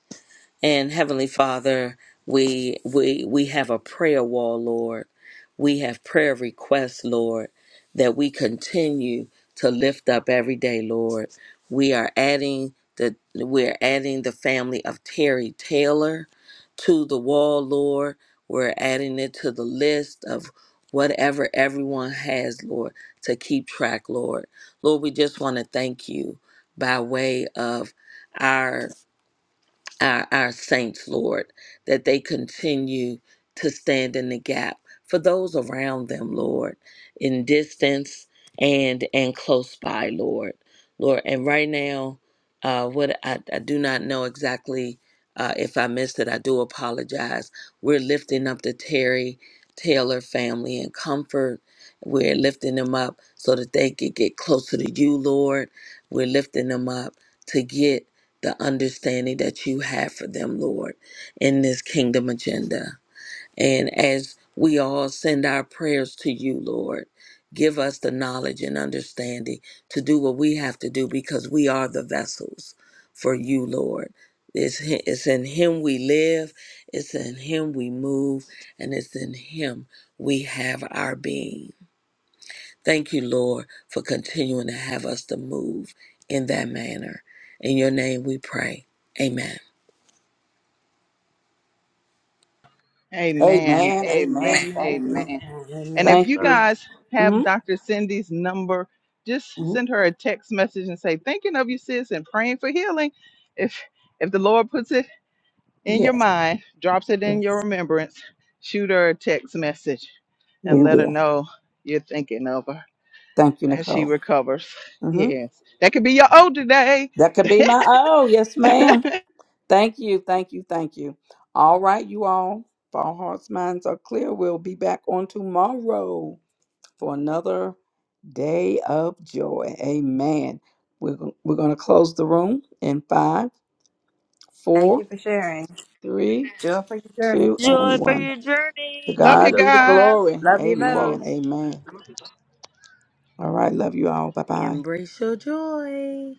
[SPEAKER 6] And Heavenly Father, we we we have a prayer wall, Lord. We have prayer requests, Lord, that we continue to lift up every day, Lord. We are adding the we're adding the family of Terry Taylor to the wall, Lord. We're adding it to the list of whatever everyone has, Lord, to keep track, Lord. Lord, we just want to thank you by way of our our, our saints, Lord, that they continue to stand in the gap for those around them, Lord, in distance and and close by, Lord, Lord. And right now, uh, what I, I do not know exactly. Uh, if I missed it, I do apologize. We're lifting up the Terry Taylor family in comfort. We're lifting them up so that they could get closer to you, Lord. We're lifting them up to get the understanding that you have for them, Lord, in this kingdom agenda. And as we all send our prayers to you, Lord, give us the knowledge and understanding to do what we have to do because we are the vessels for you, Lord. It's, hi- it's in Him we live, it's in Him we move, and it's in Him we have our being. Thank you, Lord, for continuing to have us to move in that manner. In your name we pray. Amen.
[SPEAKER 1] Amen.
[SPEAKER 3] Amen.
[SPEAKER 1] Amen.
[SPEAKER 3] Amen. Thank
[SPEAKER 7] Amen.
[SPEAKER 3] you.
[SPEAKER 1] Amen.
[SPEAKER 7] Amen.
[SPEAKER 1] And
[SPEAKER 7] Amen.
[SPEAKER 1] if
[SPEAKER 3] Thank
[SPEAKER 1] you
[SPEAKER 4] right.
[SPEAKER 3] you.
[SPEAKER 1] guys have
[SPEAKER 3] hmm
[SPEAKER 1] Dr. Cindy's number, just
[SPEAKER 3] hmm
[SPEAKER 1] send her a text message and say, thinking of you, sis, and praying for healing. If if the Lord puts it in your
[SPEAKER 3] Yes.
[SPEAKER 1] mind, drops it in your
[SPEAKER 3] Yes.
[SPEAKER 1] remembrance, shoot her a text message and
[SPEAKER 3] We
[SPEAKER 1] let her
[SPEAKER 3] will.
[SPEAKER 1] know you're thinking of her
[SPEAKER 3] Thank you,
[SPEAKER 1] as she
[SPEAKER 3] Nicole.
[SPEAKER 1] recovers.
[SPEAKER 3] hmm
[SPEAKER 1] Yes. That could be your O today.
[SPEAKER 3] That could be my oh, yes, ma'am. Thank you, thank you, thank you. All right, you all. If our hearts, minds are clear, we'll be back on tomorrow for another day of joy. Amen. We're, go- we're going to close the room in five,
[SPEAKER 7] Thank
[SPEAKER 3] four,
[SPEAKER 7] you for sharing.
[SPEAKER 3] three,
[SPEAKER 7] Joy for your journey.
[SPEAKER 3] two, and
[SPEAKER 6] Joy for
[SPEAKER 3] one.
[SPEAKER 6] your
[SPEAKER 3] To
[SPEAKER 6] journey.
[SPEAKER 1] Love
[SPEAKER 4] Thank
[SPEAKER 1] you
[SPEAKER 3] God
[SPEAKER 4] you,
[SPEAKER 3] be the
[SPEAKER 4] everybody.
[SPEAKER 1] guys.
[SPEAKER 3] glory.
[SPEAKER 4] We'll see
[SPEAKER 7] Love you,
[SPEAKER 4] you tomorrow.
[SPEAKER 3] Amen.
[SPEAKER 7] Lowe's.
[SPEAKER 3] Amen. All right, love you all. Bye bye.
[SPEAKER 6] Embrace your joy.